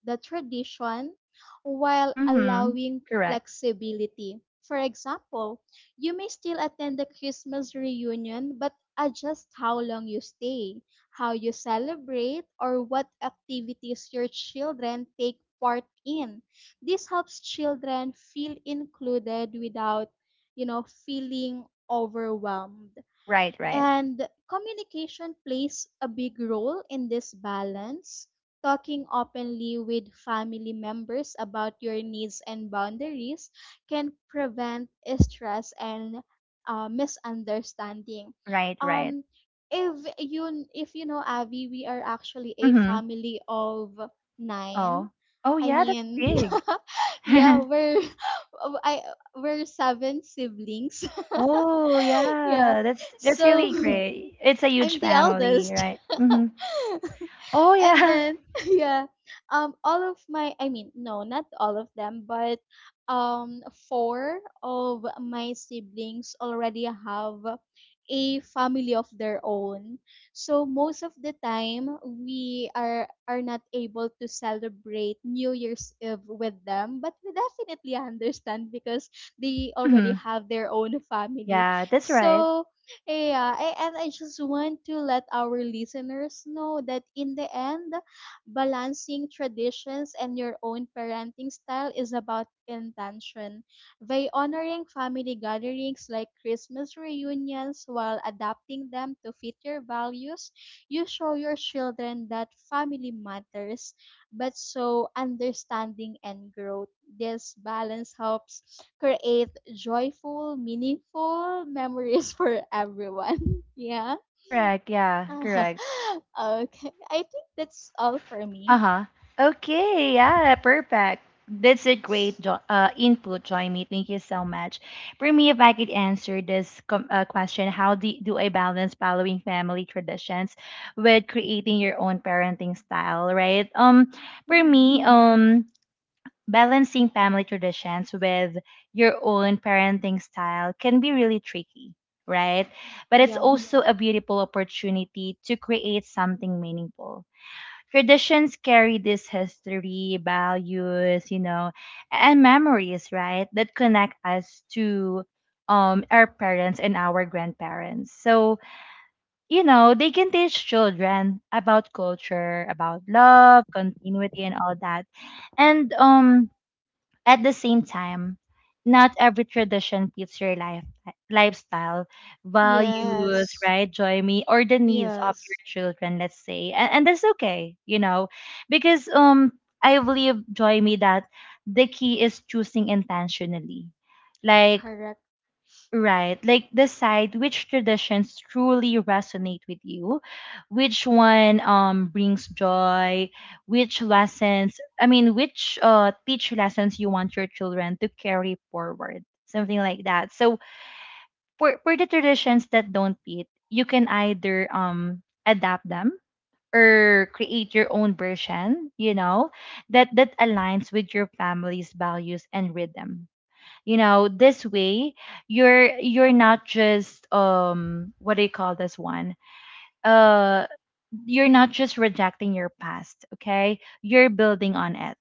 [SPEAKER 2] the tradition while
[SPEAKER 1] Mhm.
[SPEAKER 2] allowing
[SPEAKER 1] Correct.
[SPEAKER 2] flexibility. For example, you may still attend the Christmas reunion but adjust how long you stay, how you celebrate, or what activities your children take part in. This helps children feel included without, you know, feeling overwhelmed.
[SPEAKER 1] Right, right.
[SPEAKER 2] And communication plays a big role in this balance. Talking openly with family members about your needs and boundaries can prevent stress and misunderstanding.
[SPEAKER 1] Right, right.
[SPEAKER 2] Um, if you know Avi, we are actually a
[SPEAKER 1] Mhm.
[SPEAKER 2] family of nine.
[SPEAKER 1] Oh. Oh
[SPEAKER 2] I
[SPEAKER 1] yeah, that's
[SPEAKER 2] mean,
[SPEAKER 1] big.
[SPEAKER 2] [laughs] yeah,
[SPEAKER 1] [laughs]
[SPEAKER 2] we're [laughs] I we're seven siblings.
[SPEAKER 1] Oh
[SPEAKER 2] [laughs] yeah,
[SPEAKER 1] yeah, that's
[SPEAKER 2] so
[SPEAKER 1] really great. It's a huge
[SPEAKER 2] I'm the
[SPEAKER 1] family,
[SPEAKER 2] eldest.
[SPEAKER 1] right? Mhm. Oh
[SPEAKER 2] [laughs] and
[SPEAKER 1] yeah. [laughs]
[SPEAKER 2] then [laughs] yeah, all of my, I mean, no, not all of them, but four of my siblings already have a family of their own. So most of the time we are not able to celebrate New Year's Eve with them, but we definitely understand because they already
[SPEAKER 1] Mhm.
[SPEAKER 2] have their own family.
[SPEAKER 1] Yeah, that's right.
[SPEAKER 2] So yeah, and I just want to let our listeners know that in the end, balancing traditions and your own parenting style is about intention. By honoring family gatherings like Christmas reunions while adapting them to fit your values, you show your children that family matters but so understanding and growth. This balance helps create joyful, meaningful memories for everyone. [laughs] Yeah.
[SPEAKER 1] Correct. Yeah, correct.
[SPEAKER 2] [laughs] okay. I think that's all for me.
[SPEAKER 1] Uh-huh. Okay, yeah, perfect. That's a great jo input, Joyme. Thank you so much. For me, if I could answer this com question, how do, do I balance following family traditions with creating your own parenting style, right? For me,
[SPEAKER 2] Mhm.
[SPEAKER 1] balancing family traditions with your own parenting style can be really tricky, right? But it's
[SPEAKER 2] Yeah.
[SPEAKER 1] also a beautiful opportunity to create something meaningful. Traditions carry this history, values, you know, and memories, right? That connect us to our parents and our grandparents. So, you know, they can teach children about culture, about love, continuity and all that. And um, at the same time, not every tradition fits your lifestyle, values,
[SPEAKER 2] Yes.
[SPEAKER 1] right, Joy Me, or the needs of your
[SPEAKER 2] Yes.
[SPEAKER 1] children, let's say. And that's okay, you know, because I believe, Joy Me, that the key is choosing intentionally. Like,
[SPEAKER 2] Correct.
[SPEAKER 1] right. Like decide which traditions truly resonate with you, which one brings joy, which lessons, I mean, which teach lessons you want your children to carry forward, something like that. So for the traditions that don't fit, you can either adapt them or create your own version, you know, that that aligns with your family's values and rhythm. You know, this way, you're not just um, what do you call this one, uh you're not just rejecting your past, okay, you're building on it.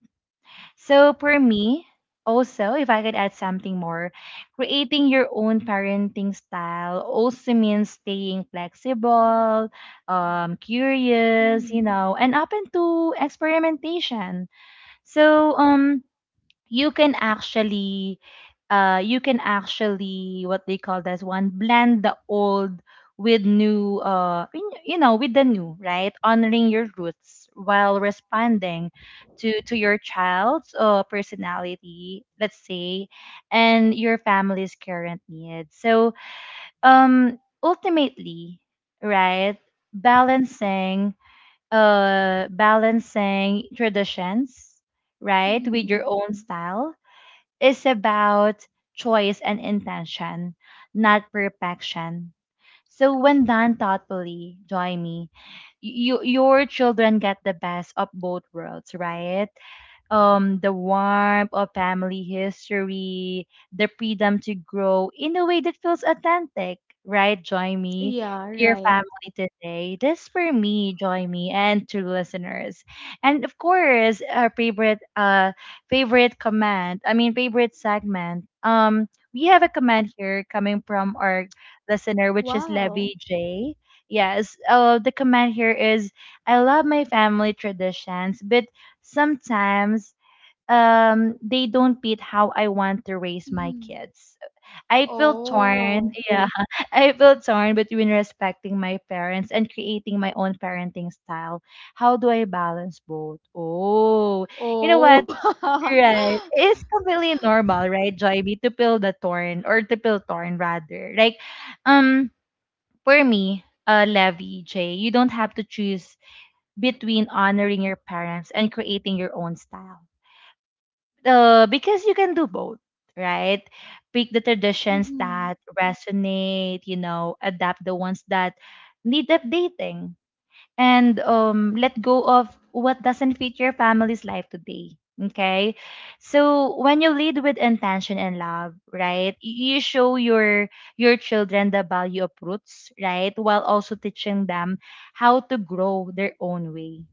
[SPEAKER 1] So for me also, if I could add something more, creating your own parenting style also means staying flexible, curious, you
[SPEAKER 2] Mhm.
[SPEAKER 1] know, and open to experimentation. So you can actually, you can actually, what they call this one, blend the old with new, you know, with the new, right, honoring your roots while responding to your child's personality, let's say, and your family's current needs. So um ultimately, right, balancing, balancing traditions, right, with your
[SPEAKER 2] Mhm.
[SPEAKER 1] own style is about choice and intention, not perfection. So when done thoughtfully, join me, you, your children get the best of both worlds, right? Um, the warmth of family history, the freedom to grow in a way that feels authentic, right? Join me,
[SPEAKER 2] Yeah,
[SPEAKER 1] dear
[SPEAKER 2] right.
[SPEAKER 1] family, today. This for me, join me, and to listeners, and of course, our favorite, favorite comment. I mean, favorite segment. We have a comment here coming from our listener, which is
[SPEAKER 2] Wow.
[SPEAKER 1] Levy J. Yes. The comment here is, I love my family traditions, but sometimes they don't beat how I want to raise my
[SPEAKER 2] Mhm.
[SPEAKER 1] kids. I feel torn.
[SPEAKER 2] Oh.
[SPEAKER 1] Yeah. [laughs] I feel torn between respecting my parents and creating my own parenting style. How do I balance both? Oh, you know what?
[SPEAKER 2] Oh. [laughs]
[SPEAKER 1] Right. It's completely normal, right, Joyby, to feel the torn, or to feel torn rather. Like, um, for me, Levy, Jay, you don't have to choose between honoring your parents and creating your own style, because you can do both, right? Pick the traditions
[SPEAKER 2] Mhm.
[SPEAKER 1] that resonate, you know, adapt the ones that need updating, and let go of what doesn't fit your family's life today. Okay. So when you lead with intention and love, right, you show your children the value of roots, right, while also teaching them how to grow their own way.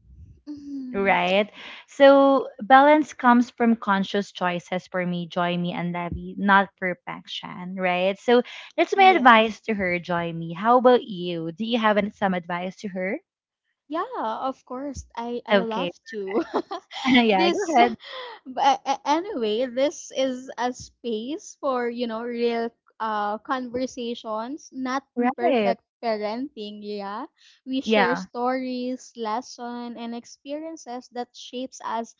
[SPEAKER 2] Mhm.
[SPEAKER 1] Right. So balance comes from conscious choices for me, Joymi and Levy, not perfection, right? So that's my
[SPEAKER 2] Yes.
[SPEAKER 1] advice to her, Joymi. How about you? Do you have some advice to her?
[SPEAKER 2] Yeah, of course. I
[SPEAKER 1] Okay.
[SPEAKER 2] love to.
[SPEAKER 1] [laughs]
[SPEAKER 2] [laughs]
[SPEAKER 1] Yeah, go
[SPEAKER 2] this,
[SPEAKER 1] ahead.
[SPEAKER 2] but anyway, this is a space for, you know, real conversations, not
[SPEAKER 1] Right.
[SPEAKER 2] perfect parenting, yeah. We share
[SPEAKER 1] Yeah.
[SPEAKER 2] stories, lesson and experiences that shapes us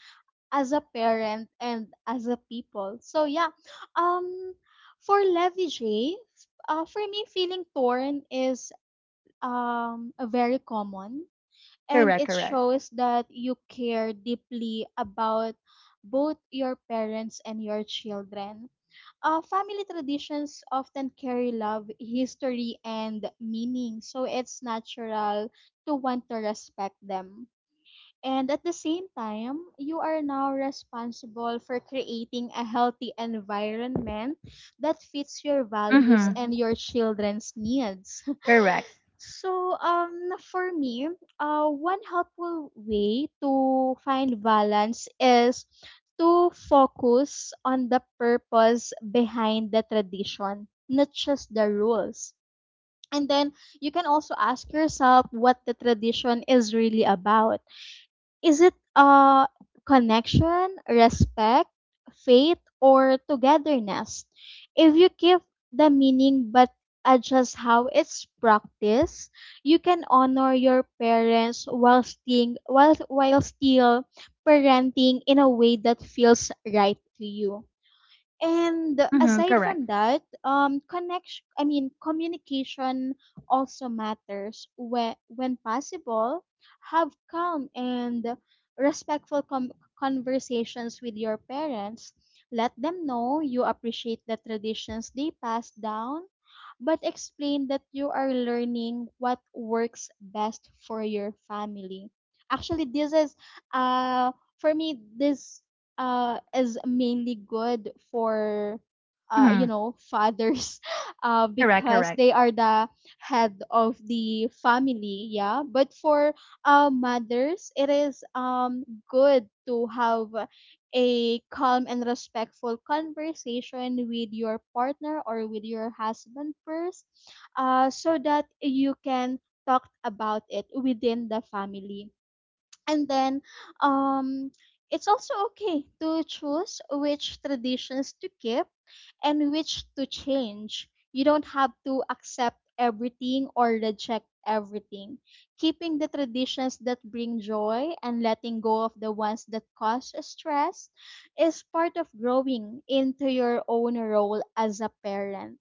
[SPEAKER 2] as a parent and as a people. So yeah, um for Levy J, for me feeling torn is very common, and
[SPEAKER 1] Correct,
[SPEAKER 2] it
[SPEAKER 1] correct.
[SPEAKER 2] shows that you care deeply about both your parents and your children. Family traditions often carry love, history, and meaning, so it's natural to want to respect them. And at the same time, you are now responsible for creating a healthy environment that fits your values
[SPEAKER 1] Mm-hmm.
[SPEAKER 2] and your children's needs. [laughs]
[SPEAKER 1] Correct.
[SPEAKER 2] So, for me, one helpful way to find balance is to focus on the purpose behind the tradition, not just the rules. And then you can also ask yourself what the tradition is really about. Is it connection, respect, faith, or togetherness? If you keep the meaning but adjust how it's practiced, you can honor your parents while staying while still parenting in a way that feels right to you. And
[SPEAKER 1] Mm-hmm.
[SPEAKER 2] aside
[SPEAKER 1] Correct.
[SPEAKER 2] from that, connection I mean communication also matters. When possible, have calm and conversations with your parents. Let them know you appreciate the traditions they pass down, but explain that you are learning what works best for your family. Actually, this is uh for me this is mainly good for, you
[SPEAKER 1] Mm-hmm.
[SPEAKER 2] know, fathers, [laughs]
[SPEAKER 1] Correct,
[SPEAKER 2] because
[SPEAKER 1] correct.
[SPEAKER 2] they are the head of the family, yeah. But for mothers, it is good to have a calm and respectful conversation with your partner or with your husband first, so that you can talk about it within the family. And then um it's also okay to choose which traditions to keep and which to change. You don't have to accept everything or reject everything. Keeping the traditions that bring joy and letting go of the ones that cause stress is part of growing into your own role as a parent.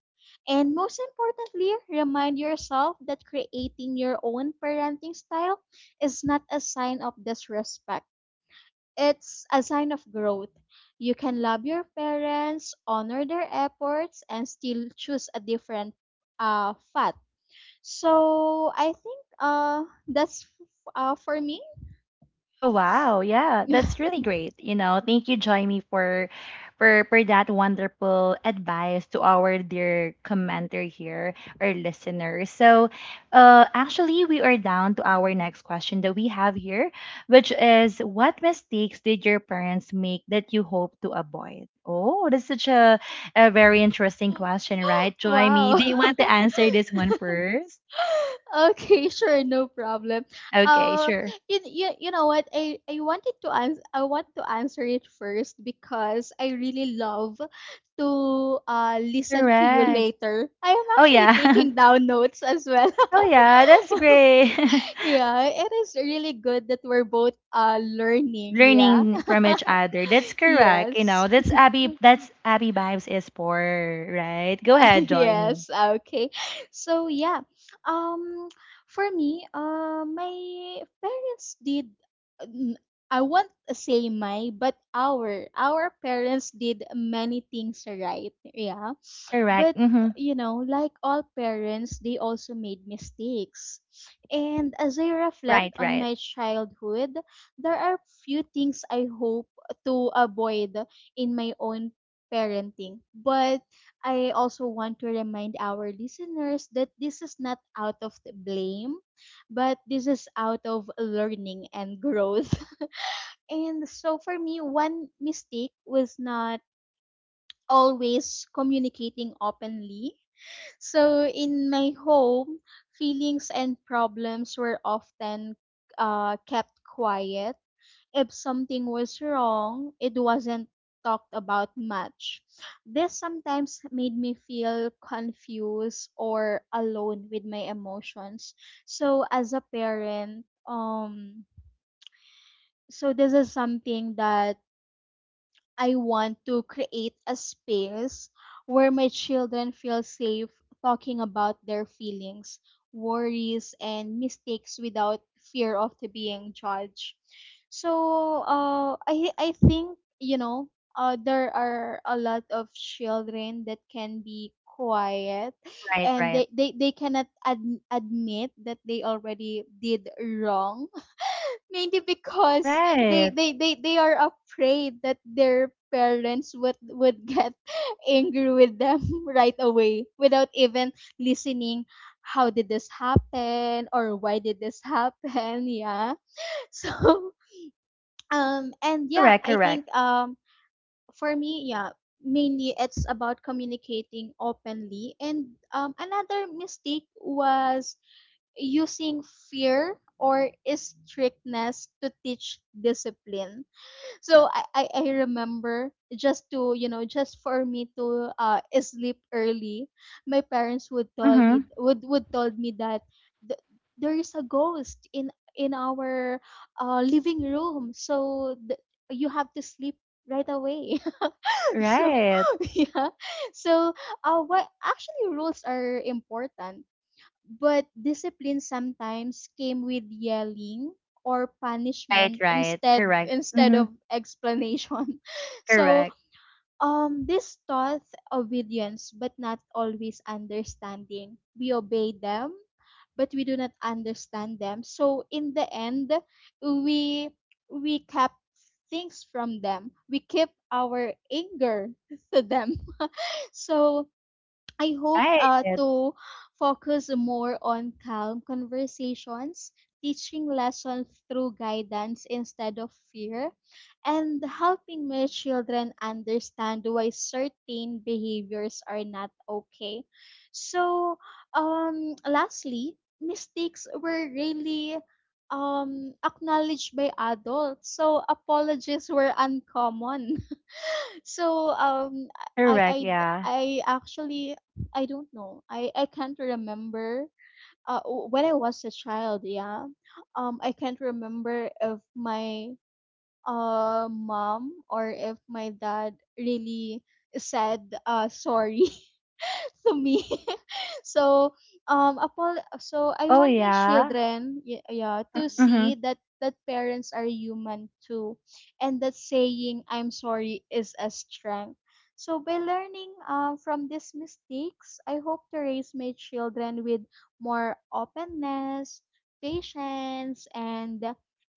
[SPEAKER 2] And most importantly, remind yourself that creating your own parenting style is not a sign of disrespect. It's a sign of growth. You can love your parents, honor their efforts, and still choose a different path. So I think for me.
[SPEAKER 1] Oh wow, yeah,
[SPEAKER 2] [laughs]
[SPEAKER 1] that's really great. You know, thank you, Joymi, for for that wonderful advice to our dear commenter here, our listeners. So, actually, we are down to our next question that we have here, which is, what mistakes did your parents make that you hope to avoid? Oh, that's such a very interesting question, right, Joymi?
[SPEAKER 2] wow.
[SPEAKER 1] Do you want to
[SPEAKER 2] [laughs]
[SPEAKER 1] answer this one first?
[SPEAKER 2] Okay, [laughs] sure, no problem.
[SPEAKER 1] Okay,
[SPEAKER 2] Uh,
[SPEAKER 1] sure.
[SPEAKER 2] you know what? I wanted to ans I want to answer it first because I really love to listen to you
[SPEAKER 1] Correct.
[SPEAKER 2] later. I am
[SPEAKER 1] Oh
[SPEAKER 2] actually
[SPEAKER 1] yeah.
[SPEAKER 2] taking
[SPEAKER 1] [laughs]
[SPEAKER 2] down notes as well.
[SPEAKER 1] Oh
[SPEAKER 2] [laughs]
[SPEAKER 1] yeah, that's great. [laughs]
[SPEAKER 2] Yeah, it is really good that we're both learning, yeah.
[SPEAKER 1] Learning from each other.
[SPEAKER 2] [laughs]
[SPEAKER 1] That's correct. You
[SPEAKER 2] Yes.
[SPEAKER 1] know, that's Abby, that's Abby Vibes is for, right? Go
[SPEAKER 2] [laughs]
[SPEAKER 1] ahead, join me.
[SPEAKER 2] yes, okay. So yeah. Um for me, my parents did n- I won't say my, but our parents did many things right. Yeah.
[SPEAKER 1] Correct.
[SPEAKER 2] But,
[SPEAKER 1] Mm-hmm.
[SPEAKER 2] you know, like all parents, they also made mistakes. And as I reflect
[SPEAKER 1] Right,
[SPEAKER 2] on
[SPEAKER 1] right,
[SPEAKER 2] my childhood, there are few things I hope to avoid in my own parenting. But I also want to remind our listeners that this is not out of the blame, but this is out of learning and growth. [laughs] And so for me, one mistake was not always communicating openly. So in my home, feelings and problems were often kept quiet. If something was wrong, it wasn't talked about much. This sometimes made me feel confused or alone with my emotions. So as a parent, this is something that I want to create a space where my children feel safe talking about their feelings, worries, and mistakes without fear of the being judged. So, I think, you know, there are a lot of children that can be quiet,
[SPEAKER 1] right,
[SPEAKER 2] and
[SPEAKER 1] right.
[SPEAKER 2] they cannot admit that they already did wrong, maybe because
[SPEAKER 1] Right.
[SPEAKER 2] they are afraid that their parents would get [laughs] angry with them [laughs] right away without even listening how did this happen or why did this happen. [laughs] yeah, so and yeah
[SPEAKER 1] Correct,
[SPEAKER 2] I think
[SPEAKER 1] correct.
[SPEAKER 2] for me yeah mainly it's about communicating openly. And another mistake was using fear or strictness to teach discipline. So I remember, just to, you know, just for me to sleep early, my parents would tell
[SPEAKER 1] Mm-hmm.
[SPEAKER 2] me would told me that th- there is a ghost in our living room. So you have to sleep right away. [laughs] so
[SPEAKER 1] Right.
[SPEAKER 2] [laughs] yeah. So what actually rules are important but discipline sometimes came with yelling or
[SPEAKER 1] Right,
[SPEAKER 2] punishment
[SPEAKER 1] right.
[SPEAKER 2] instead
[SPEAKER 1] Correct.
[SPEAKER 2] instead
[SPEAKER 1] Mm-hmm.
[SPEAKER 2] of explanation. [laughs] So
[SPEAKER 1] Correct.
[SPEAKER 2] this taught obedience but not always understanding. We obey them but we do not understand them. So in the end we we kept things from them. We keep our anger [laughs] to them. So I hope
[SPEAKER 1] Right.
[SPEAKER 2] to focus more on calm conversations, teaching lessons through guidance instead of fear, and helping my children understand why certain behaviors are not okay. So, lastly, mistakes were really acknowledged by adults so apologies were uncommon so I I
[SPEAKER 1] Correct, yeah.
[SPEAKER 2] I actually, I don't know. I can't remember when I was a child, yeah. I can't remember if my mom or if my dad really said sorry [laughs] to me. [laughs] so so
[SPEAKER 1] Oh
[SPEAKER 2] I
[SPEAKER 1] oh
[SPEAKER 2] want my
[SPEAKER 1] yeah.
[SPEAKER 2] children, yeah, yeah, to
[SPEAKER 1] Mm-hmm.
[SPEAKER 2] see that parents are human too and that saying I'm sorry is a strength. So by learning from these mistakes, I hope to raise my children with more openness, patience, and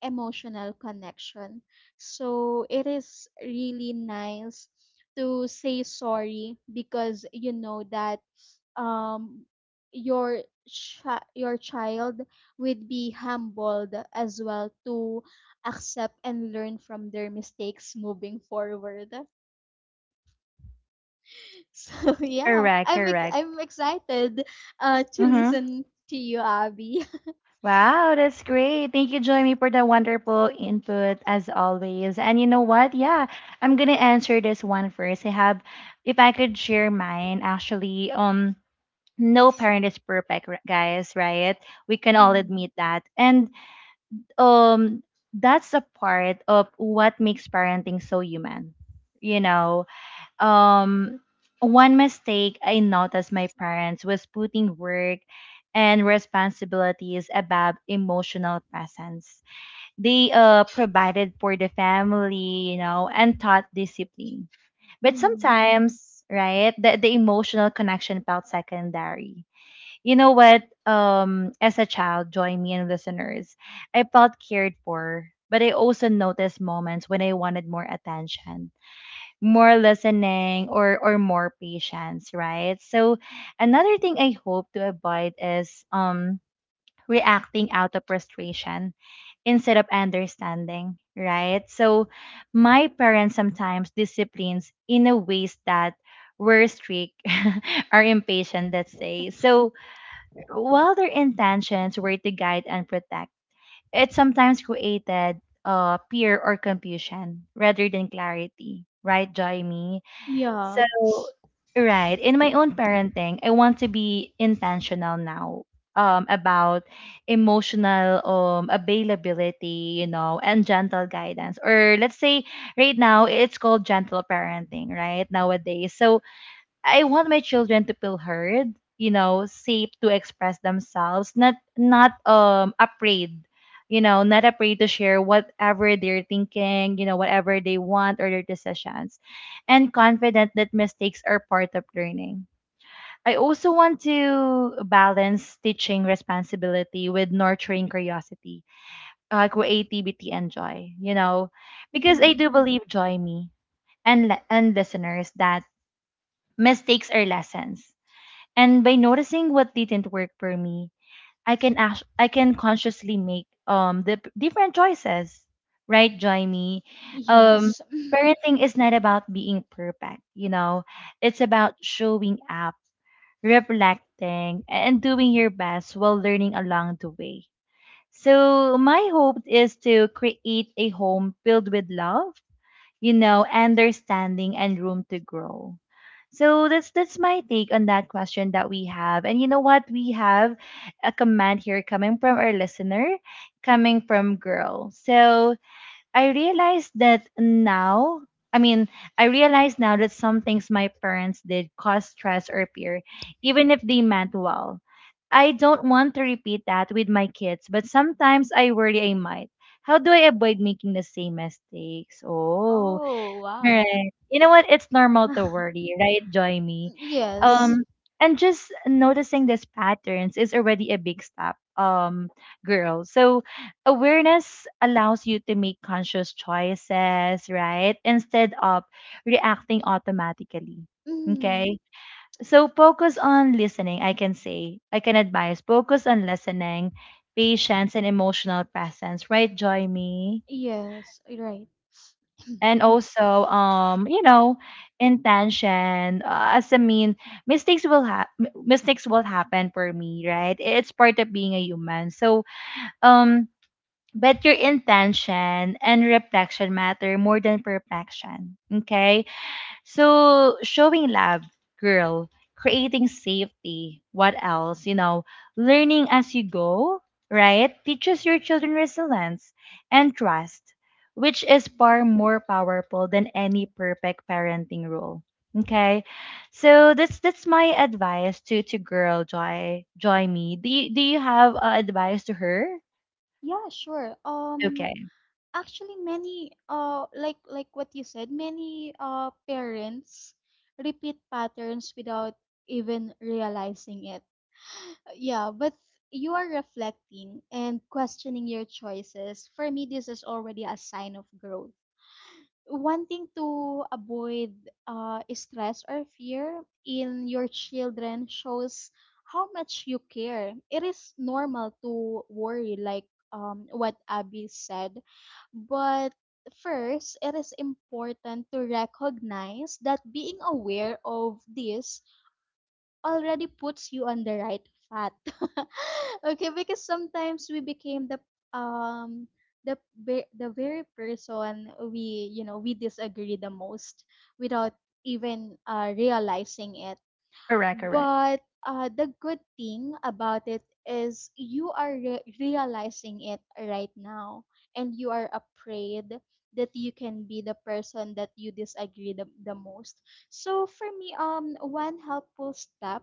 [SPEAKER 2] emotional connection. So it is really nice to say sorry because you know that um your your child would be humbled as well to accept and learn from their mistakes moving forward. [laughs] So yeah,
[SPEAKER 1] Correct, correct.
[SPEAKER 2] I'm excited to
[SPEAKER 1] Mm-hmm.
[SPEAKER 2] listen to you, Abby.
[SPEAKER 1] Wow, that's great. Thank you, Joymi, for the wonderful input as always. And you know what? Yeah, I'm gonna answer this one first. I have, if I could share mine, actually, no parent is perfect, guys, right? We can
[SPEAKER 2] [laughs]
[SPEAKER 1] all
[SPEAKER 2] Mhm.
[SPEAKER 1] admit that. And um, that's a part of what makes parenting so human, you know? um One mistake I noticed my parents was putting work and responsibilities above emotional presence. They provided for the family, you know, and taught discipline. But
[SPEAKER 2] Mhm.
[SPEAKER 1] sometimes, right, the emotional connection felt secondary. You know what? As a child, join me and listeners, I felt cared for, but I also noticed moments when I wanted more attention, more listening, or more patience, right? So another thing I hope to avoid is reacting out of frustration instead of understanding, right? So my parents sometimes disciplines in a ways that were strict [laughs] or impatient, let's say. So while their intentions were to guide and protect, it sometimes created fear or confusion rather than clarity, right, Joy?
[SPEAKER 2] Yeah.
[SPEAKER 1] So, right, in my own parenting, I want to be intentional now about emotional availability, you know, and gentle guidance. Or let's say right now it's called gentle parenting, right? Nowadays. So, I want my children to feel heard, you know, safe to express themselves, not afraid, you know, not afraid to share whatever they're thinking, you know, whatever they want or their decisions, and confident that mistakes are part of learning. I also want to balance teaching responsibility with nurturing curiosity, creativity, and joy. You know, because I
[SPEAKER 2] Mhm.
[SPEAKER 1] do believe, Joy Me and listeners, that mistakes are lessons, and by noticing what didn't work for me, I can consciously make different choices, right, Jaime? Um,
[SPEAKER 2] Yes. Mm-hmm.
[SPEAKER 1] Parenting is not about being perfect, you know. It's about showing up, reflecting, and doing your best while learning along the way. So my hope is to create a home filled with love, you know, understanding, and room to grow. So that's my take on that question that we have. And you know what? We have a comment here coming from our listener, coming from girl. So I realized that now I mean, I realize now that some things my parents did cause stress or fear, even if they meant well. I don't want to repeat that with my kids, but sometimes I worry I might. How do I avoid making the same mistakes? Oh,
[SPEAKER 2] Oh, wow.
[SPEAKER 1] right. You know what? It's normal to
[SPEAKER 2] [laughs]
[SPEAKER 1] worry, right, Joy Me?
[SPEAKER 2] Yes.
[SPEAKER 1] Um, and just noticing these patterns is already a big step, girl. So awareness allows you to make conscious choices, right? Instead of reacting automatically.
[SPEAKER 2] Mm,
[SPEAKER 1] Okay. So focus on listening, I can say. I can advise. Focus on listening, patience, and emotional presence, right, Joy Me?
[SPEAKER 2] yes, right.
[SPEAKER 1] And also you know, intention, as I mean mistakes will happen for me, right? It's part of being a human. So um but your intention and reflection matter more than perfection. Okay, so showing love, girl, creating safety. What else? You know, learning as you go, right? Teaches your children resilience and trust, which is
[SPEAKER 2] Mhm.
[SPEAKER 1] far more powerful than any perfect parenting rule. Okay, so that's my advice to girl, Joy me. Do you have advice to her?
[SPEAKER 2] Yeah, sure.
[SPEAKER 1] Okay,
[SPEAKER 2] Actually, many like what you said, many parents repeat patterns without even realizing it. Yeah, but you are reflecting and questioning your choices. For me, this is already a sign of growth wanting to avoid stress or fear in your children shows how much you care. It is normal to worry, like what Abby said, but first, it is important to recognize that being aware of this already puts you on the right path. [laughs] Okay, because sometimes we became the um the the very person we, you know, we disagree the most without even realizing it.
[SPEAKER 1] correct, correct,
[SPEAKER 2] But the good thing about it is you are realizing it right now, and you are afraid that you can be the person that you disagree the most. So for me, one helpful step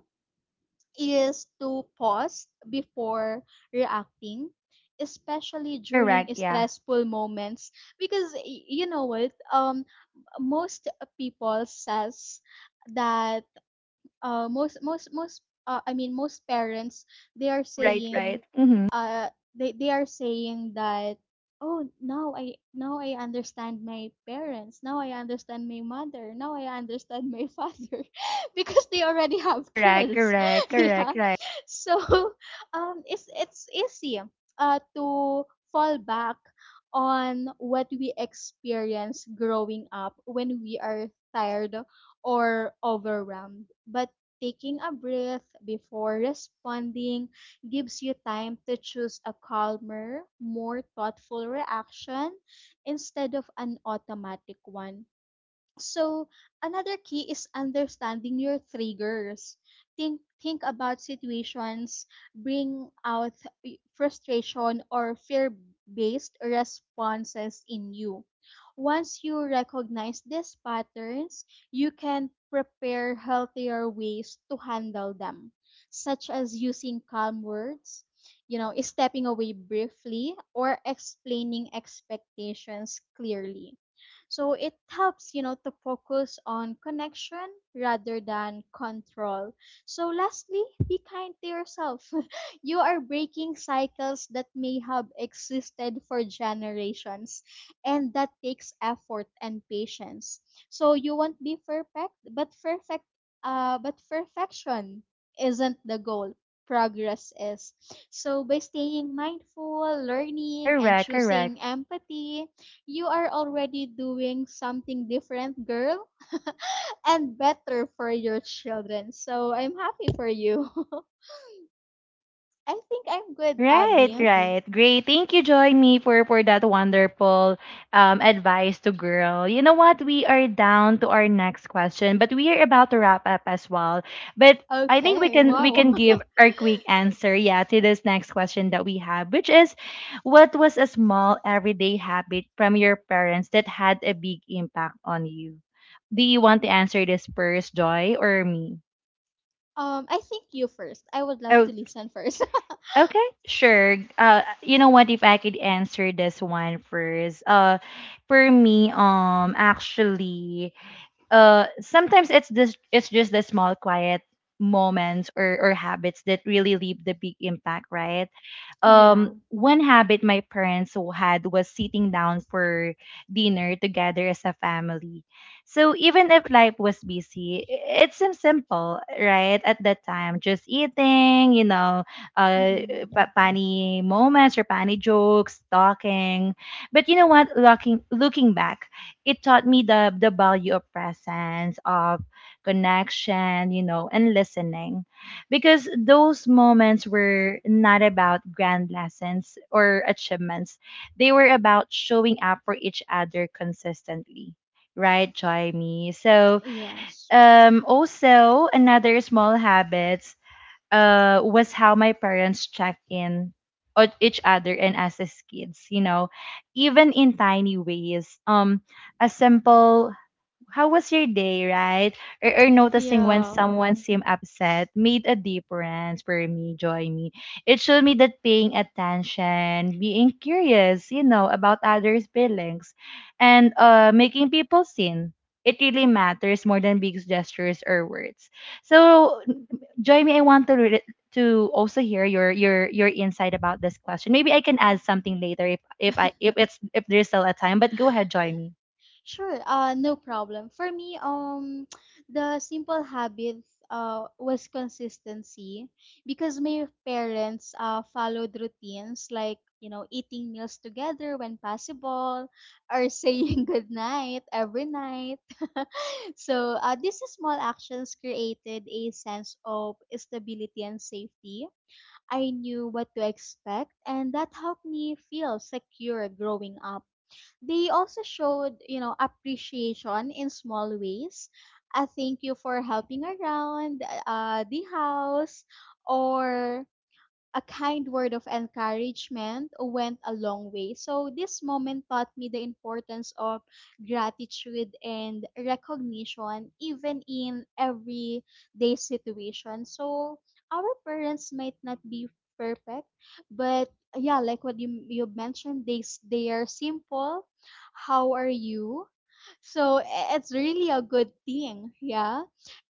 [SPEAKER 2] is to pause before reacting, especially during
[SPEAKER 1] correct. Yeah,
[SPEAKER 2] stressful moments because you know what, most people says that most most most I mean, most parents they are
[SPEAKER 1] right, right.
[SPEAKER 2] saying
[SPEAKER 1] [laughs] Hmm.
[SPEAKER 2] uh they are saying that, oh, now I, now I understand my parents, now I understand my mother, now I understand my father [laughs] because they already have
[SPEAKER 1] Correct,
[SPEAKER 2] kids.
[SPEAKER 1] correct,
[SPEAKER 2] [laughs] Yeah,
[SPEAKER 1] correct, right.
[SPEAKER 2] so [laughs] it's easy to fall back on what we experience growing up when we are tired or overwhelmed, but taking a breath before responding gives you time to choose a calmer, more thoughtful reaction instead of an automatic one. So, another key is understanding your triggers. Think about situations bring out frustration or fear-based responses in you. Once you recognize these patterns, you can prepare healthier ways to handle them, such as using calm words, you know, stepping away briefly or explaining expectations clearly, so it helps, you know, to focus on connection rather than control. So lastly, be kind to yourself. [laughs] You are breaking cycles that may have existed for generations, and that takes effort and patience. So you won't be perfect, but perfection isn't the goal. Progress is. So by staying mindful, learning and
[SPEAKER 1] Correct,
[SPEAKER 2] choosing
[SPEAKER 1] correct.
[SPEAKER 2] empathy, you are already doing something different, girl, [laughs] and better for your children. So I'm happy for you. [laughs] I think I'm good,
[SPEAKER 1] Right,
[SPEAKER 2] Abby.
[SPEAKER 1] right. Great. Thank you, Joy Me, for that wonderful advice to girl. You know what? We are down to our next question, but we are about to wrap up as well. But I think we
[SPEAKER 2] Okay,
[SPEAKER 1] can we
[SPEAKER 2] wow.
[SPEAKER 1] can
[SPEAKER 2] [laughs]
[SPEAKER 1] give our quick answer, yeah, to this next question that we have, which is, what was a small everyday habit from your parents that had a big impact on you? Do you want to answer this first, Joy, or me?
[SPEAKER 2] I think you first. I would love to listen first.
[SPEAKER 1] Okay, sure. You know what? If I could answer this one first, for me, actually, sometimes it's this, it's just the small, quiet moments or habits that really leave the big impact, right?
[SPEAKER 2] [laughs] Yeah.
[SPEAKER 1] One habit my had was sitting down for dinner together as a family. So even if life was busy, it seems simple, right? At that time, just eating, you know, uh,
[SPEAKER 2] Mm-mm.
[SPEAKER 1] funny moments or funny jokes, talking. But you know what? Looking back, it taught me the value of presence, of connection, you know, and listening, because those moments were not about grand lessons or achievements. They were about showing up for each other consistently. Right, Joy Me. So
[SPEAKER 2] Yes.
[SPEAKER 1] also another small habits was how my parents check in on each other and us as kids, you know, even in tiny ways. A simple how was your day, right? Or noticing when
[SPEAKER 2] Yeah.
[SPEAKER 1] someone seemed upset made a difference for me, Joy Me. It showed me that paying attention, being curious, you know, about others' feelings, and making people seen. It really matters more than big gestures or words. So, Joy Me, I want to also hear your your insight about this question. Maybe I can add something later if it's if there's still a time. But go ahead, join me.
[SPEAKER 2] Sure, no problem. For me, [tsk] the simple habit was consistency because my parents followed routines like, you know, eating meals together when possible or [laughs] saying good night every night. [laughs] So these small actions created a sense of stability and safety. I knew what to expect, and that helped me feel secure growing up. They also showed, you know, appreciation in small ways. A thank you for helping around the house or a kind word of encouragement went a long way. So this moment taught me the importance of gratitude and recognition even in everyday situation. So our parents might not be perfect, but yeah, like what you mentioned, they are simple. How are you? So it's really a good thing, yeah.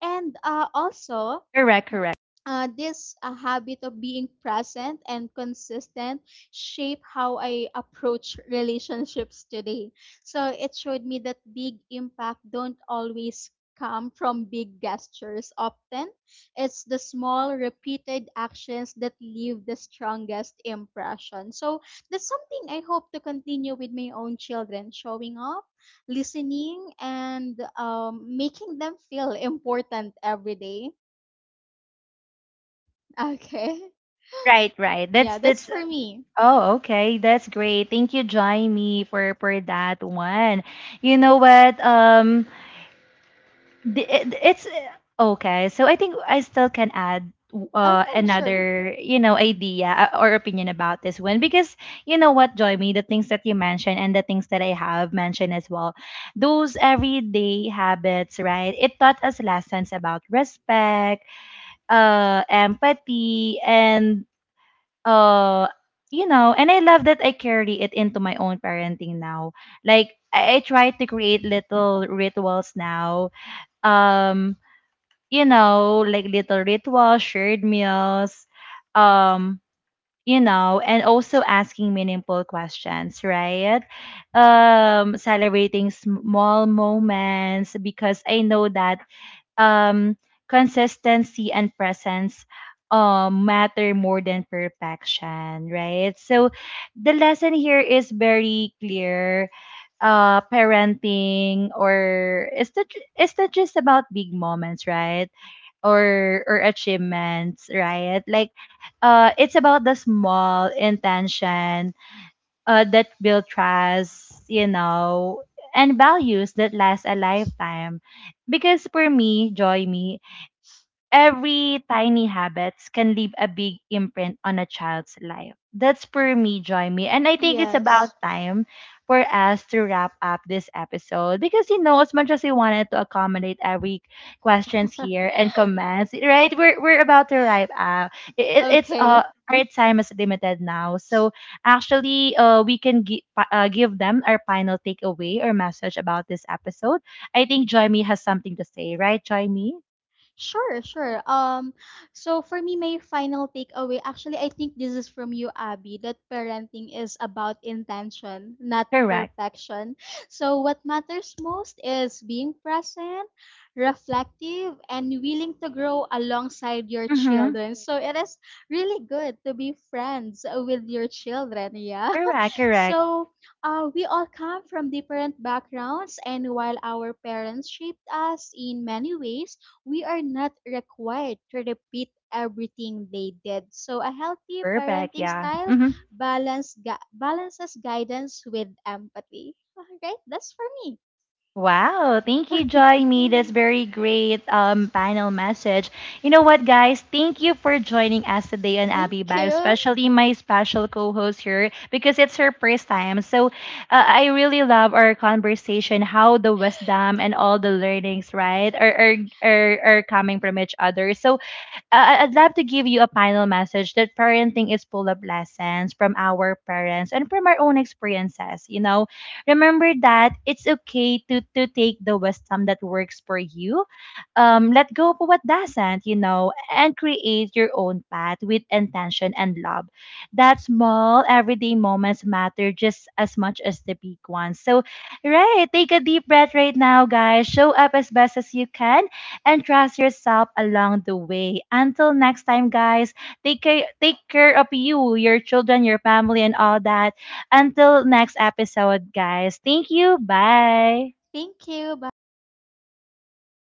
[SPEAKER 2] And also
[SPEAKER 1] Correct, correct.
[SPEAKER 2] this habit of being present and consistent shape how I approach relationships today. So it showed me that big impact don't always come from big gestures. Often it's the small repeated actions that leave the strongest impression, so that's something I hope to continue with my own children, showing up, listening, and making them feel important every day. [laughs] Okay.
[SPEAKER 1] Right, right.
[SPEAKER 2] Yeah, that's for me.
[SPEAKER 1] Okay. That's great. Thank you, Jaime, for that one. You know what? It's okay. So I think I still can add
[SPEAKER 2] Okay, sure.
[SPEAKER 1] another, you know, idea, or opinion about this one, because you know what, Jaime, the things that you mentioned and the things that I have mentioned as well. Those everyday habits, right? It taught us lessons about respect, empathy, and uh you know, and I love that I carry it into my own parenting now. I try to create little rituals now. um you know, like little rituals, shared meals. um you know, and also asking meaningful questions, right? Celebrating small moments, because I know that um consistency and presence matter more than perfection, right? So the lesson here is very clear. Parenting or it's not, it's not just about big moments, right? Or achievements, right? Like, it's about the small intention that build trust, you know, and values that last a lifetime, because for me, Joy Me, every tiny habits can leave a big imprint on a child's life. That's for me, Joy Me. And I think it's
[SPEAKER 2] Yes.
[SPEAKER 1] about time for us to wrap up this episode, because you know, as much as we wanted to accommodate every questions
[SPEAKER 2] [laughs]
[SPEAKER 1] here and comments, right? We're about to wrap up. It's
[SPEAKER 2] Okay.
[SPEAKER 1] our time is limited now. So actually, we can give them our final takeaway or message about this episode. I think Joy Me has something to say, right, Joy Me?
[SPEAKER 2] Sure, sure. So for me, my final takeaway, actually, I think this is from you, Abby, that parenting is about intention, not
[SPEAKER 1] Correct.
[SPEAKER 2] perfection. So what matters most is being present, reflective, and willing to grow alongside your
[SPEAKER 1] Mhm.
[SPEAKER 2] children. So it is really good to be friends with your children, yeah.
[SPEAKER 1] Correct,
[SPEAKER 2] [laughs]
[SPEAKER 1] correct.
[SPEAKER 2] So we all come from different backgrounds, and while our parents shaped us in many ways, we are not required to repeat everything they did. So a healthy
[SPEAKER 1] Perfect,
[SPEAKER 2] parenting
[SPEAKER 1] yeah.
[SPEAKER 2] style
[SPEAKER 1] Mhm.
[SPEAKER 2] balances guidance with empathy. All right, that's for me.
[SPEAKER 1] Wow, thank you, Joy Me. That's
[SPEAKER 2] Mm.
[SPEAKER 1] very great panel message. You know what, guys? Thank you for joining us today on
[SPEAKER 2] Thank
[SPEAKER 1] Abby Bio,
[SPEAKER 2] you.
[SPEAKER 1] especially my special co-host here, because it's her first time. So I really love our conversation, how the wisdom and all the learnings, right, are coming from each other. So I'd love to give you a final message that parenting is full of lessons from our parents and from our own experiences. You know, remember that it's okay to take the wisdom that works for you, let go of what doesn't. You know, and create your own path with intention and love. That small everyday moments matter just as much as the big ones. So, right, take a deep breath right now, guys. Show up as best as you can and trust yourself along the way. Until next time, guys, take care of you, your children, your family, and all that. Until next episode, guys. Thank you. Bye.
[SPEAKER 2] Thank you. Bye.